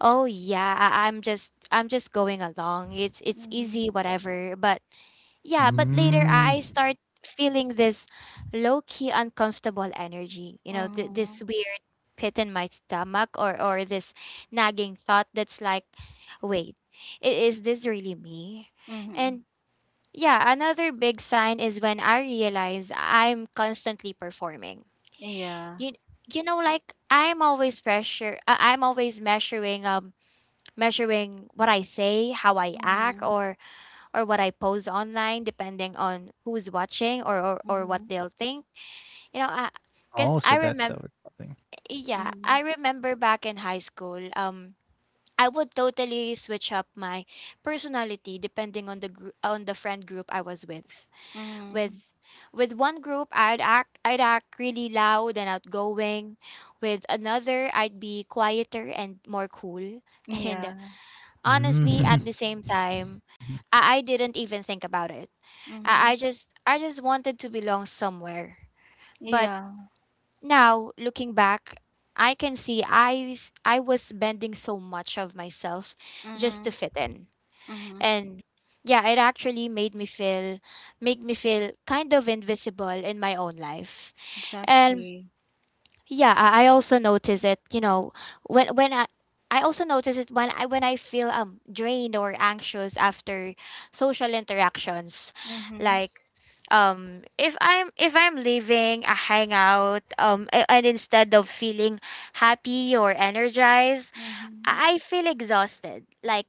S3: oh yeah, I'm just I'm just going along, it's easy,
S1: Mhm.
S3: whatever. But yeah, but later
S2: Mm.
S3: I start feeling this low key uncomfortable energy. You know, this
S1: Mhm.
S3: weird pit in my stomach, or this nagging thought that's like, wait, is this really me? And
S1: Mhm.
S3: yeah, another big sign is when I realize I'm constantly performing.
S1: Yeah.
S3: You you know, like, I'm always measuring measuring what I say, how I act,
S1: Mhm.
S3: or what I post online, depending on who's watching, or or what
S1: Mhm.
S3: they'll think.
S2: Oh,
S3: You know,
S2: oh,
S3: I
S2: so that's how
S3: Because
S2: it's
S3: I
S2: happening.
S3: remember, yeah, I
S1: Mhm.
S3: remember back in high school, I would totally switch up my personality depending on the friend group I was with.
S1: Mhm.
S3: With one group, I'd act really loud and outgoing. With another, I'd be quieter and more cool. And
S1: Yeah.
S2: Mm.
S3: honestly at the same time,
S2: Mhm.
S3: I didn't even think about it. I,
S1: Mhm.
S3: I just i just wanted to belong somewhere. But
S1: Yeah.
S3: now, looking back, I can see I I was bending so much of myself just to
S1: Mhm.
S3: fit in.
S1: Mhm.
S3: And yeah, it actually made me feel make me feel kind of invisible in my own life. And
S1: Exactly.
S3: yeah, I also notice it, you know, when when I when I feel drained or anxious after social interactions.
S1: Mhm.
S3: Like, if I'm leaving a hangout, and instead of feeling happy or energized,
S1: Mhm.
S3: I feel exhausted. Like,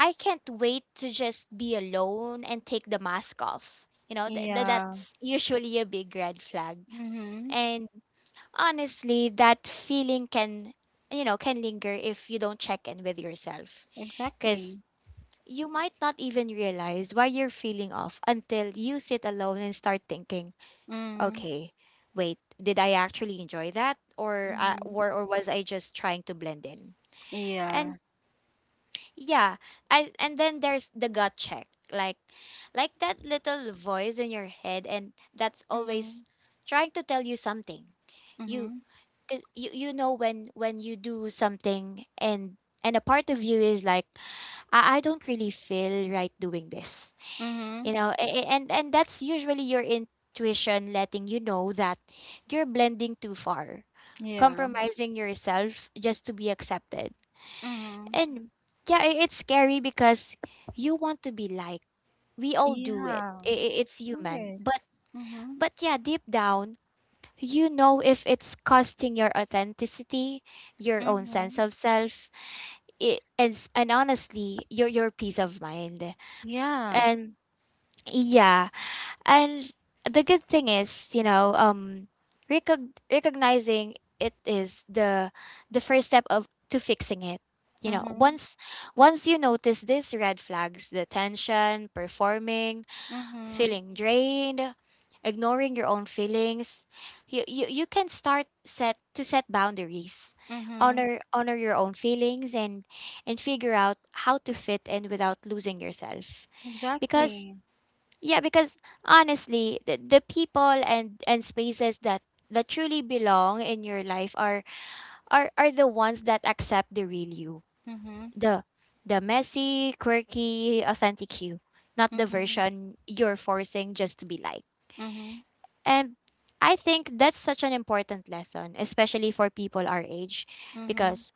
S3: I can't wait to just be alone and take the mask off. You know,
S1: Yeah.
S3: that's usually a big red flag.
S1: Mhm.
S3: Honestly, that feeling can, you know, can linger if you don't check in with yourself.
S1: Exactly.
S3: Because you might not even realize why you're feeling off until you sit alone and start thinking,
S1: Mhm.
S3: okay, wait, did I actually enjoy that? Or,
S1: Mhm.
S3: or was I just trying to blend in?
S1: Yeah.
S3: And yeah, and then there's the gut check. Like that little voice in your head, and that's always
S1: Mhm.
S3: trying to tell you something. You
S1: Mhm.
S3: 'Cause you know when you do something, and a part of you is like, I don't really feel right doing this, you
S1: Mhm.
S3: know. And that's usually your intuition letting you know that you're blending too far,
S1: Yeah.
S3: compromising yourself just to be accepted.
S1: Mhm.
S3: And yeah, it's scary because you want to be liked, we all do it,
S1: Yeah.
S3: it's human,
S1: Right. Mm-hmm.
S3: but yeah, deep down, you know, if it's costing your authenticity, your own sense
S1: Mm-hmm.
S3: of self, and honestly, your peace of mind.
S1: Yeah.
S3: And yeah, and the good thing is, you know, recognizing it is the first step of to fixing it. You know,
S1: Mm-hmm.
S3: once you notice these red flags, the tension, performing,
S1: Mm-hmm.
S3: feeling drained, ignoring your own feelings, you can start set— to set boundaries.
S1: Mm-hmm.
S3: Honor your own feelings, and figure out how to fit in without losing yourself. Because
S1: Exactly.
S3: yeah, because honestly, the people and spaces that truly belong in your life are— are the ones that accept the real you.
S1: Mm-hmm.
S3: The the messy, quirky, authentic you, not the
S1: Mm-hmm.
S3: version you're forcing just to be like.
S1: Mm-hmm.
S3: And I think that's such an important lesson, especially for people our age,
S1: Mm-hmm.
S3: because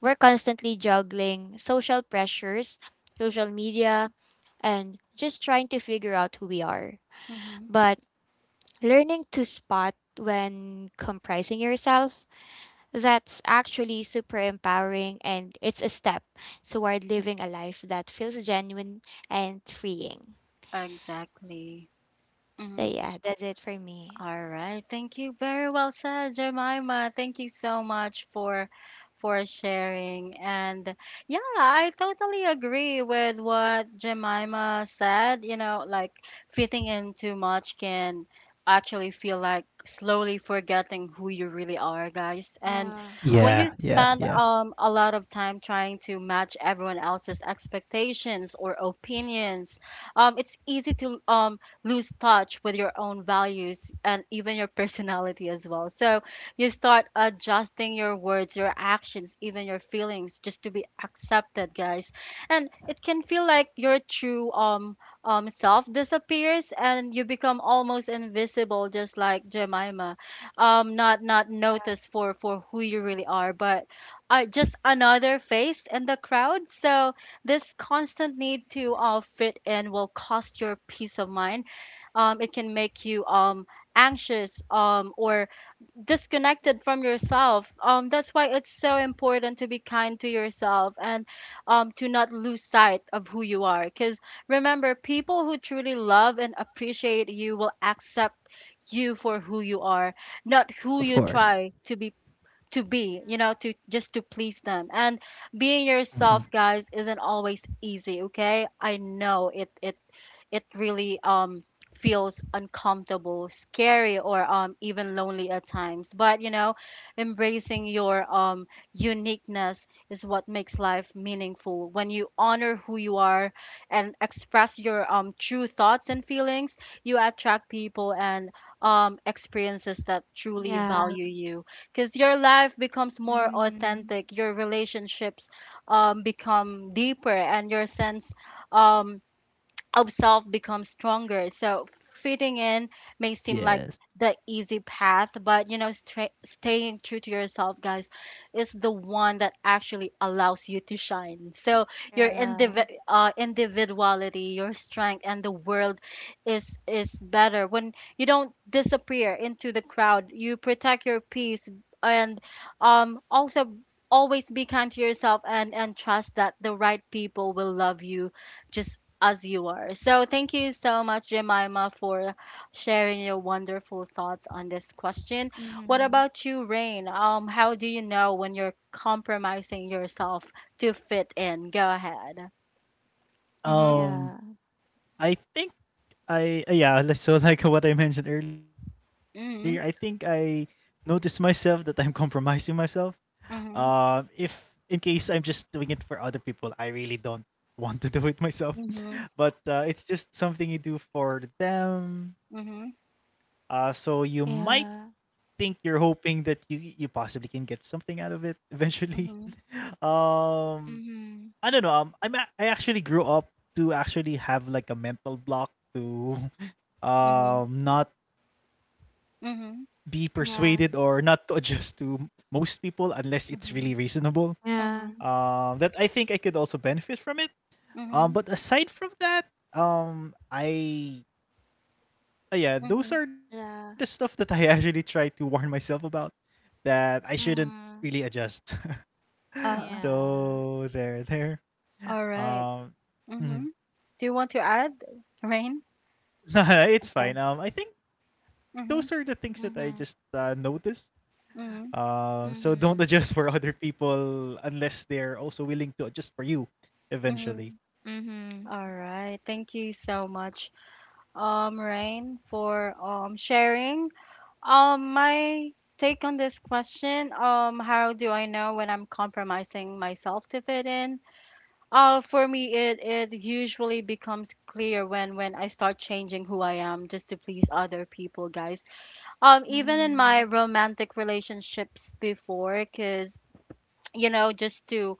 S3: we're constantly juggling social pressures, social media, and just trying to figure out who we are.
S1: Mm-hmm.
S3: But learning to spot when comprising yourself, that's actually super empowering, and it's a step toward living a life that feels genuine and freeing.
S1: Exactly.
S3: So,
S1: Mm-hmm.
S3: yeah, that's it for me.
S1: All right. Thank you. Very well said, Jemima. Thank you so much for sharing. And yeah, I totally agree with what Jemima said. You know, like fitting in too much can actually feel like slowly forgetting who you really are, guys. And
S3: Yeah.
S1: when you
S2: Yeah, yeah,
S1: spend
S2: yeah.
S1: a lot of time trying to match everyone else's expectations or opinions, it's easy to lose touch with your own values and even your personality as well. So you start adjusting your words, your actions, even your feelings just to be accepted, guys. And it can feel like your true self disappears and you become almost invisible, just like Jemima. Not not noticed for who you really are, but just another face in the crowd. So this constant need to fit in will cost your peace of mind. It can make you anxious or disconnected from yourself. That's why it's so important to be kind to yourself and to not lose sight of who you are. Because remember, people who truly love and appreciate you will accept you for who you are, not who
S2: Of
S1: you
S2: course.
S1: try to be, you know, to just to please them. And being
S2: Mhm.
S1: yourself, guys, isn't always easy, okay? I know it it it really feels uncomfortable, scary, or even lonely at times. But you know, embracing your uniqueness is what makes life meaningful. When you honor who you are and express your true thoughts and feelings, you attract people and experiences that truly
S3: Yeah.
S1: value you, because your life becomes more
S3: Hmm.
S1: authentic, your relationships become deeper, and your sense um of self becomes stronger. So fitting in
S2: Yes.
S1: may seem like the easy path, but you know, staying true to yourself, guys, is the one that actually allows you to shine. So your
S3: Yeah.
S1: individuality, your strength, and the world is better when you don't disappear into the crowd. You protect your peace and also always be kind to yourself and trust that the right people will love you just as you are. So, thank you so much, Jemima, for sharing your wonderful thoughts on this question. What
S3: Mhm.
S1: about you, Rain? How do you know when you're compromising yourself to fit in? Go ahead. Mhm.
S2: Um,
S3: Yeah.
S2: I think I yeah, li- so like what I mentioned earlier, I think I
S1: Mhm.
S2: noticed myself that I'm compromising myself. If
S1: Mhm.
S2: in case I'm just doing it for other people, I really don't want to do it myself.
S1: Mhm.
S2: But it's just something you do for them. So you might think
S3: Yeah.
S2: you're hoping that you possibly can get something out of it eventually.
S1: Mhm.
S2: um,
S3: Mhm.
S2: I don't know. I'm I actually grew up to actually have like a mental block to
S1: Mhm.
S2: not be
S1: Mhm. Mhm.
S2: persuaded or not to
S3: Yeah.
S2: adjust to most people unless it's really
S1: Mhm.
S2: reasonable,
S3: Yeah.
S1: Mhm.
S2: that I think I could also benefit from it.
S1: Mhm.
S2: But aside from that, I yeah, those
S1: Mhm.
S2: are the stuff that
S3: Yeah.
S2: I actually try to warn myself about, that I shouldn't really
S3: Mhm.
S2: adjust.
S1: Uh,
S3: Yeah.
S2: So there there.
S1: all right.
S2: Um mhm.
S1: Mhm. Do you want to add, Rain?
S2: Nah, it's fine.
S1: Okay.
S2: I think those are the things that I
S1: Mhm.
S2: just
S3: Mhm.
S2: notice.
S1: Mhm.
S2: So don't adjust for
S3: Mhm.
S2: other people unless they're also willing to adjust for you eventually.
S1: Mhm. All right. Thank you so much, Rain, for sharing. My take on this question, how do I know when I'm compromising myself to fit in? For me, it usually becomes clear when I start changing who I am just to please other people, guys. Even in my
S3: Mhm.
S1: romantic relationships before, because, you know,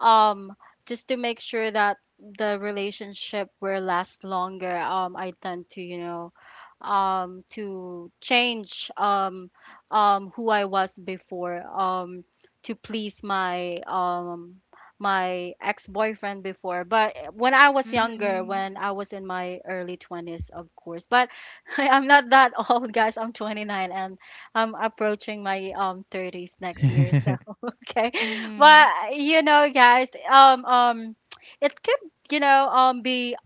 S1: um, just to make sure that the relationship will last longer, I tend to, you know, to change who I was before, to please my my ex-boyfriend before. But eh, when I was younger,
S3: Mhm.
S1: when I was in my early 20s, of course. But I'm not that old, guys. I'm 29 and I'm approaching my 30s next year. So okay,
S3: Mhm.
S1: but
S3: Mhm.
S1: you know, guys, it could you know be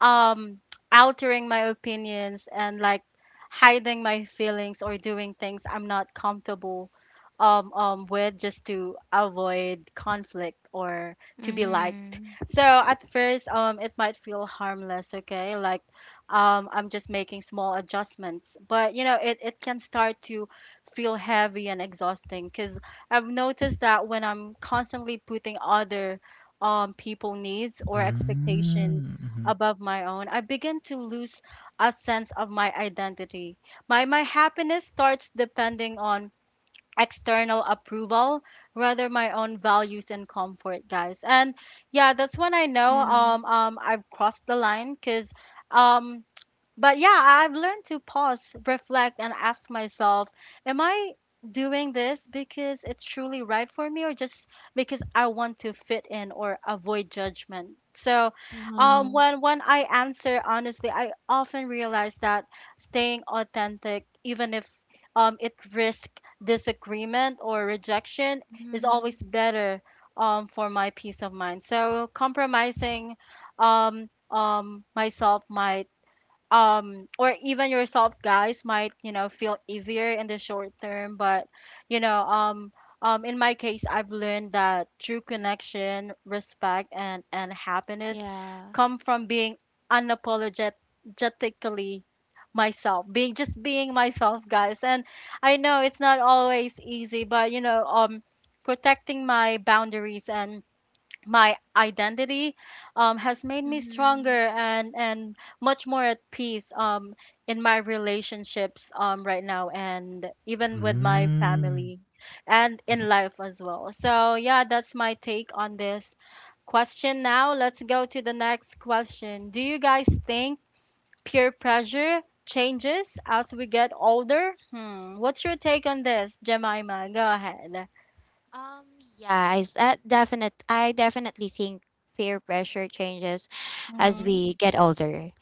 S1: um altering my opinions and like hiding my feelings or doing things I'm not comfortable with, just to avoid conflict or to be liked.
S3: Mhm.
S1: So at first it might feel harmless, okay? Like I'm just making small adjustments, but you know it can start to feel heavy and exhausting, cuz I've noticed that when I'm constantly putting other people needs or expectations
S2: Mm-hmm.
S1: above my own, I begin to lose a sense of my identity. My happiness starts depending on external approval rather my own values and comfort, guys. And yeah, that's when I know
S3: Yeah.
S1: I've crossed the line, because um but yeah, I've learned to pause, reflect, and ask myself, am I doing this because it's truly right for me, or just because I want to fit in or avoid judgment? So,
S3: Mhm.
S1: when I answer honestly, I often realize that staying authentic, even if it risks disagreement or rejection, is
S3: Mhm.
S1: always better for my peace of mind. So, compromising myself might or even yourself, guys, might you know feel easier in the short term, but you know in my case I've learned that true connection, respect, and happiness
S3: Yeah.
S1: come from being unapologetically myself, being just being myself, guys. And I know it's not always easy, but you know protecting my boundaries and my identity has made me stronger
S3: Mhm.
S1: and much more at peace, in my relationships right now and even with my
S2: Mm.
S1: family and in
S2: Mhm.
S1: life as well. So yeah, that's my take on this question. Now let's go to the next question. Do you guys think peer pressure changes as we get older? Hmm. What's your take on this, Jemima? Go ahead.
S3: Um. Yeah. I definitely think peer pressure changes as
S1: Mm-hmm.
S3: we get older.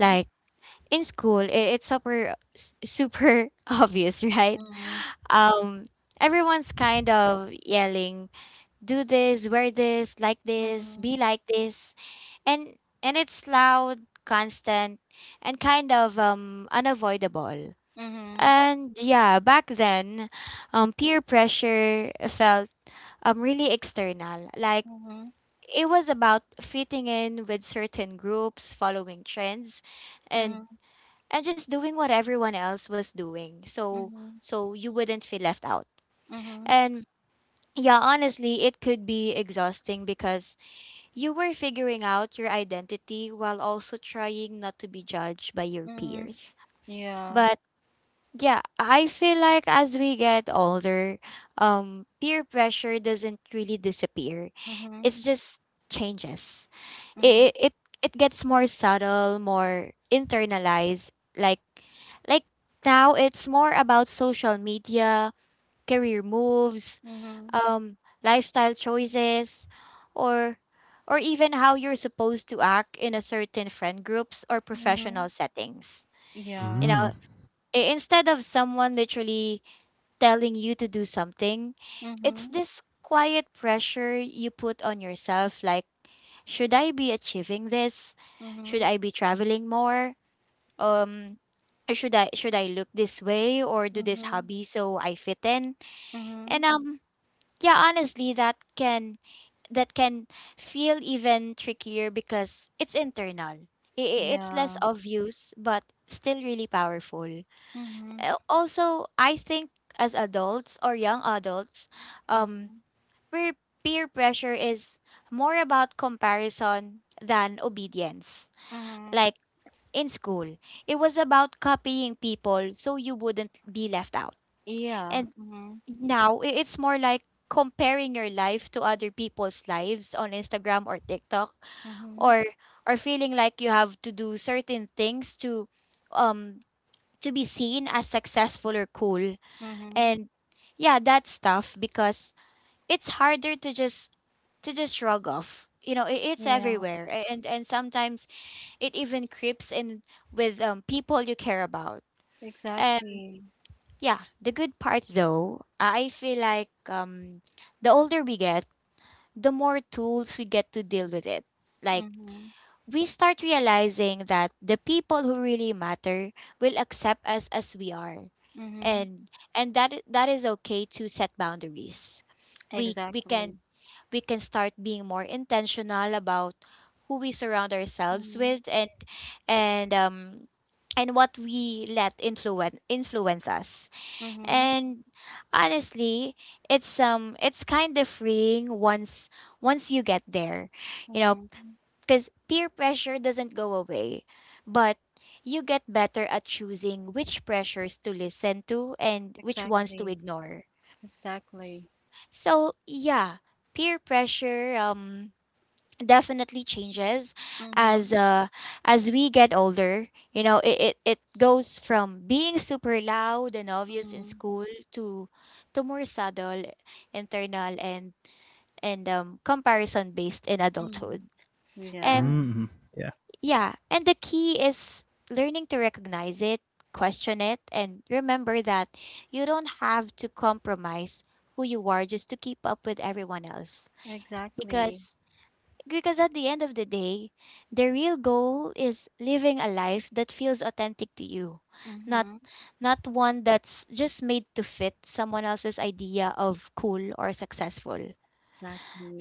S3: Like, in school, it's super super obvious, right?
S1: Mm-hmm.
S3: Um, everyone's kind of yelling, "Do this, wear this, like this,
S1: Mm-hmm.
S3: be like this," and it's loud, constant, and kind of unavoidable.
S1: Mhm.
S3: And yeah, back then, peer pressure felt really external, like.
S1: Mhm.
S3: It was about fitting in with certain groups, following trends, and
S1: Mhm.
S3: just doing what everyone else was doing, so
S1: Mhm.
S3: you wouldn't feel left out.
S1: Mhm.
S3: And yeah, honestly, it could be exhausting because you were figuring out your identity while also trying not to be judged by your
S1: Mhm.
S3: peers.
S1: Yeah.
S3: But yeah, I feel like as we get older, peer pressure doesn't really disappear,
S1: Mhm.
S3: it's just changes.
S1: Mhm.
S3: it it it gets more subtle, more internalized. Like, like now it's more about social media, career moves,
S1: Mhm.
S3: um, lifestyle choices, or even how you're supposed to act in a certain friend groups or
S1: Mhm.
S3: professional settings. You
S1: Yeah.
S2: Mm.
S3: know, instead of someone literally telling you to do something, it's
S1: Mhm.
S3: this quiet pressure you put on yourself, like, should I be achieving this? Should
S1: Mhm.
S3: I be traveling more? Um, or should I look this way or do this
S1: Mhm.
S3: hobby so I fit in?
S1: Mhm.
S3: And yeah, honestly, that can feel even trickier because it's internal. It's less
S1: Yeah.
S3: obvious, but still really powerful.
S1: Mhm.
S3: Also, I think as adults or young adults, um,
S1: Mhm.
S3: where peer pressure is more about comparison than obedience.
S1: Mhm.
S3: Like in school, it was about copying people so you wouldn't be left out.
S1: Yeah.
S3: And
S1: Mhm.
S3: now it's more like comparing your life to other people's lives on Instagram or TikTok,
S1: Mhm.
S3: or feeling like you have to do certain things um to be seen as successful or cool.
S1: Mhm.
S3: And yeah, that's tough because it's harder to just shrug off. You know, I- it's
S1: Yeah.
S3: everywhere. And sometimes it even creeps in with people you care about. And
S1: Exactly.
S3: yeah, the good part though, I feel like the older we get, the more tools we get to deal with it. Like,
S1: Mhm.
S3: we start realizing that the people who really matter will accept us as we are.
S1: Mhm.
S3: And that is okay to set boundaries. We we
S1: Exactly.
S3: can we can start being more intentional about who we surround ourselves
S1: Mhm.
S3: with, and and um what we let influence us.
S1: Mhm.
S3: And honestly, it's kind of freeing once you get there. You know,
S1: Mhm.
S3: cuz peer pressure doesn't go away, but you get better at choosing which pressures to listen to and which ones to
S1: Exactly.
S3: ignore. S-
S1: Exactly.
S3: So yeah, peer pressure definitely changes as
S1: Mhm.
S3: we get older. You know, it goes from being super loud and obvious in
S1: Mhm.
S3: school to more subtle, internal, and comparison based in adulthood.
S1: Mhm.
S3: And
S1: Yeah.
S2: Mm. Yeah.
S3: yeah, and the key is learning to recognize it, question it, and remember that you don't have to compromise who you are just to keep up with everyone else.
S1: Exactly.
S3: Because at the end of the day, the real goal is living a life that feels authentic to you, not
S1: Mm-hmm.
S3: one that's just made to fit someone else's idea of cool or successful.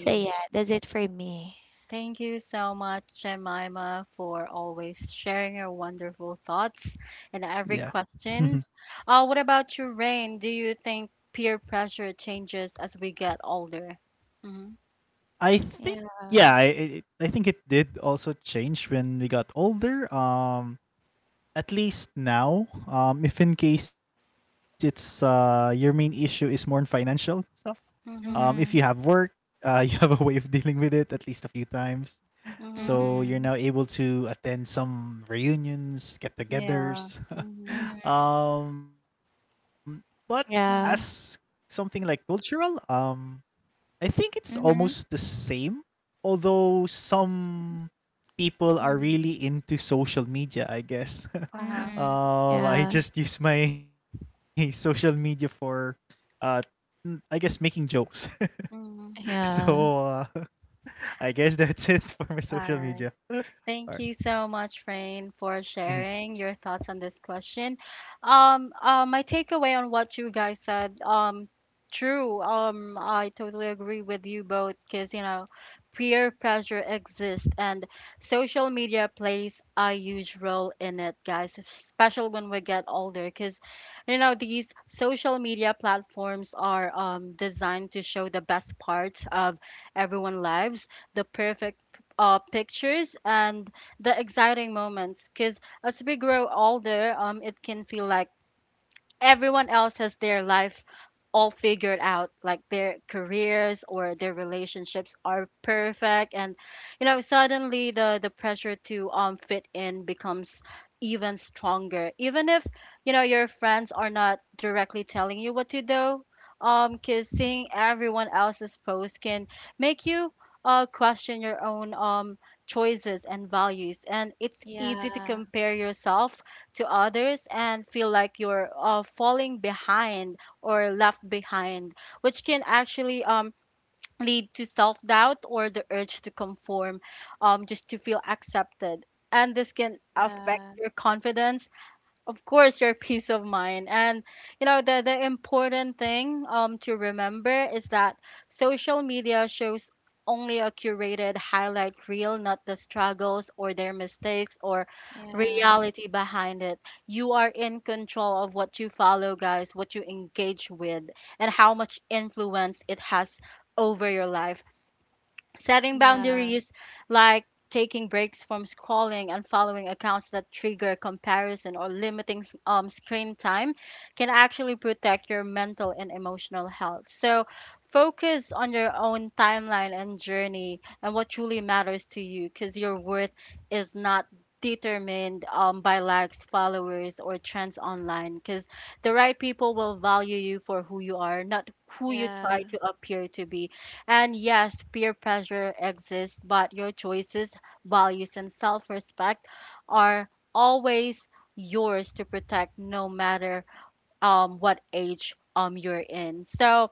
S3: So yeah, that's it for me.
S1: Thank you so much, Jemima, for always sharing your wonderful thoughts and every
S2: Yeah.
S1: question.
S2: Mhm.
S1: What about you, Rain? Do you think peer pressure changes as we get older? Mm-hmm.
S2: I think, yeah, I
S3: Yeah.
S2: I I think it did also change when we got older. At least now, if in case, it's your main issue is more on financial stuff. If you
S1: Mm-hmm.
S2: have
S3: Mhm.
S2: work, you have a way of dealing with it at least a few times.
S1: Mm-hmm.
S2: So you're
S3: Mhm.
S2: now able to attend some reunions,
S1: Yeah.
S2: get-togethers.
S1: Mm-hmm.
S3: Mhm.
S2: Um, but as
S1: Mm-hmm.
S3: Yeah.
S2: something like cultural, I think it's almost the
S3: Mhm.
S2: same, although some people are
S1: Mm-hmm.
S2: really into social media, I guess.
S1: Uh-huh.
S3: Mhm.
S2: I
S3: Yeah.
S2: just use my social media for, uh, I guess, making jokes.
S1: Mm-hmm.
S2: So
S3: Yeah.
S2: I guess that's it for my
S1: All
S2: social
S1: right.
S2: media.
S1: Thank
S2: Alright.
S1: you so much, Rain, for
S2: Mhm.
S1: sharing your thoughts on this question. My takeaway on what you guys said, true. I totally agree with you both because, you know, peer pressure exists and social media plays a huge role in it, guys, especially when we get older because, you know, these social media platforms are designed to show the best parts of everyone's lives, the perfect pictures and the exciting moments. Because as we grow older it can feel like everyone else has their life all figured out, like their careers or their relationships are perfect. And you know suddenly the pressure to fit in becomes even stronger, even if you know your friends are not directly telling you what to do, because seeing everyone else's post can make you question your own choices and values. And it's easy to
S3: Yeah.
S1: compare yourself to others and feel like you're falling behind or left behind, which can actually lead to self doubt or the urge to conform, just to feel accepted. And this can affect
S3: Yeah.
S1: your confidence, of course, your peace of mind. And you know the important thing to remember is that social media shows only a curated highlight reel, not the struggles or their mistakes or
S3: Yeah.
S1: reality behind it. You are in control of what you follow, guys, what you engage with and how much influence it has over your life. Setting
S3: Yeah.
S1: boundaries like taking breaks from scrolling and following accounts that trigger comparison or limiting screen time can actually protect your mental and emotional health. So, focus on your own timeline and journey and what truly matters to you, because your worth is not determined by likes, followers, or trends online. Because the right people will value you for who you are, not who you
S3: Yeah.
S1: try to appear to be. And yes, peer pressure exists, but your choices, values, and self respect are always yours to protect no matter what age you're in. So,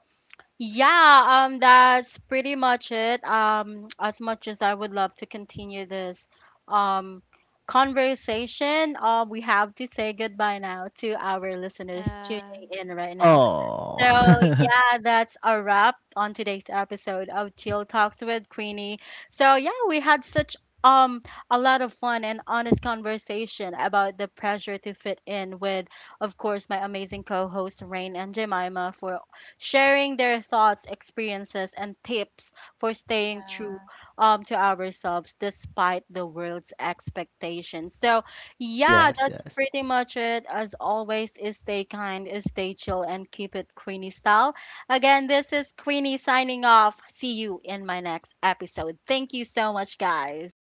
S1: yeah, that's pretty much it. As much as I would love to continue this um, conversation, we have to say goodbye now to our listeners tuning
S3: Yeah.
S1: in right now.
S2: Oh,
S1: So, yeah, that's a wrap on today's episode of Chill Talks with Queenie. So, yeah, we had such um a lot of fun and honest conversation about the pressure to fit in, with of course my amazing co-hosts Rain and Jemima, for sharing their thoughts, experiences and tips for staying true
S3: Yeah.
S1: to ourselves despite the world's expectations. So, yeah,
S2: yes,
S1: that's
S2: yes.
S1: pretty much it. As always, is stay kind, is stay chill, and keep it Queenie style. Again, this is Queenie signing off. See you in my next episode. Thank you so much, guys.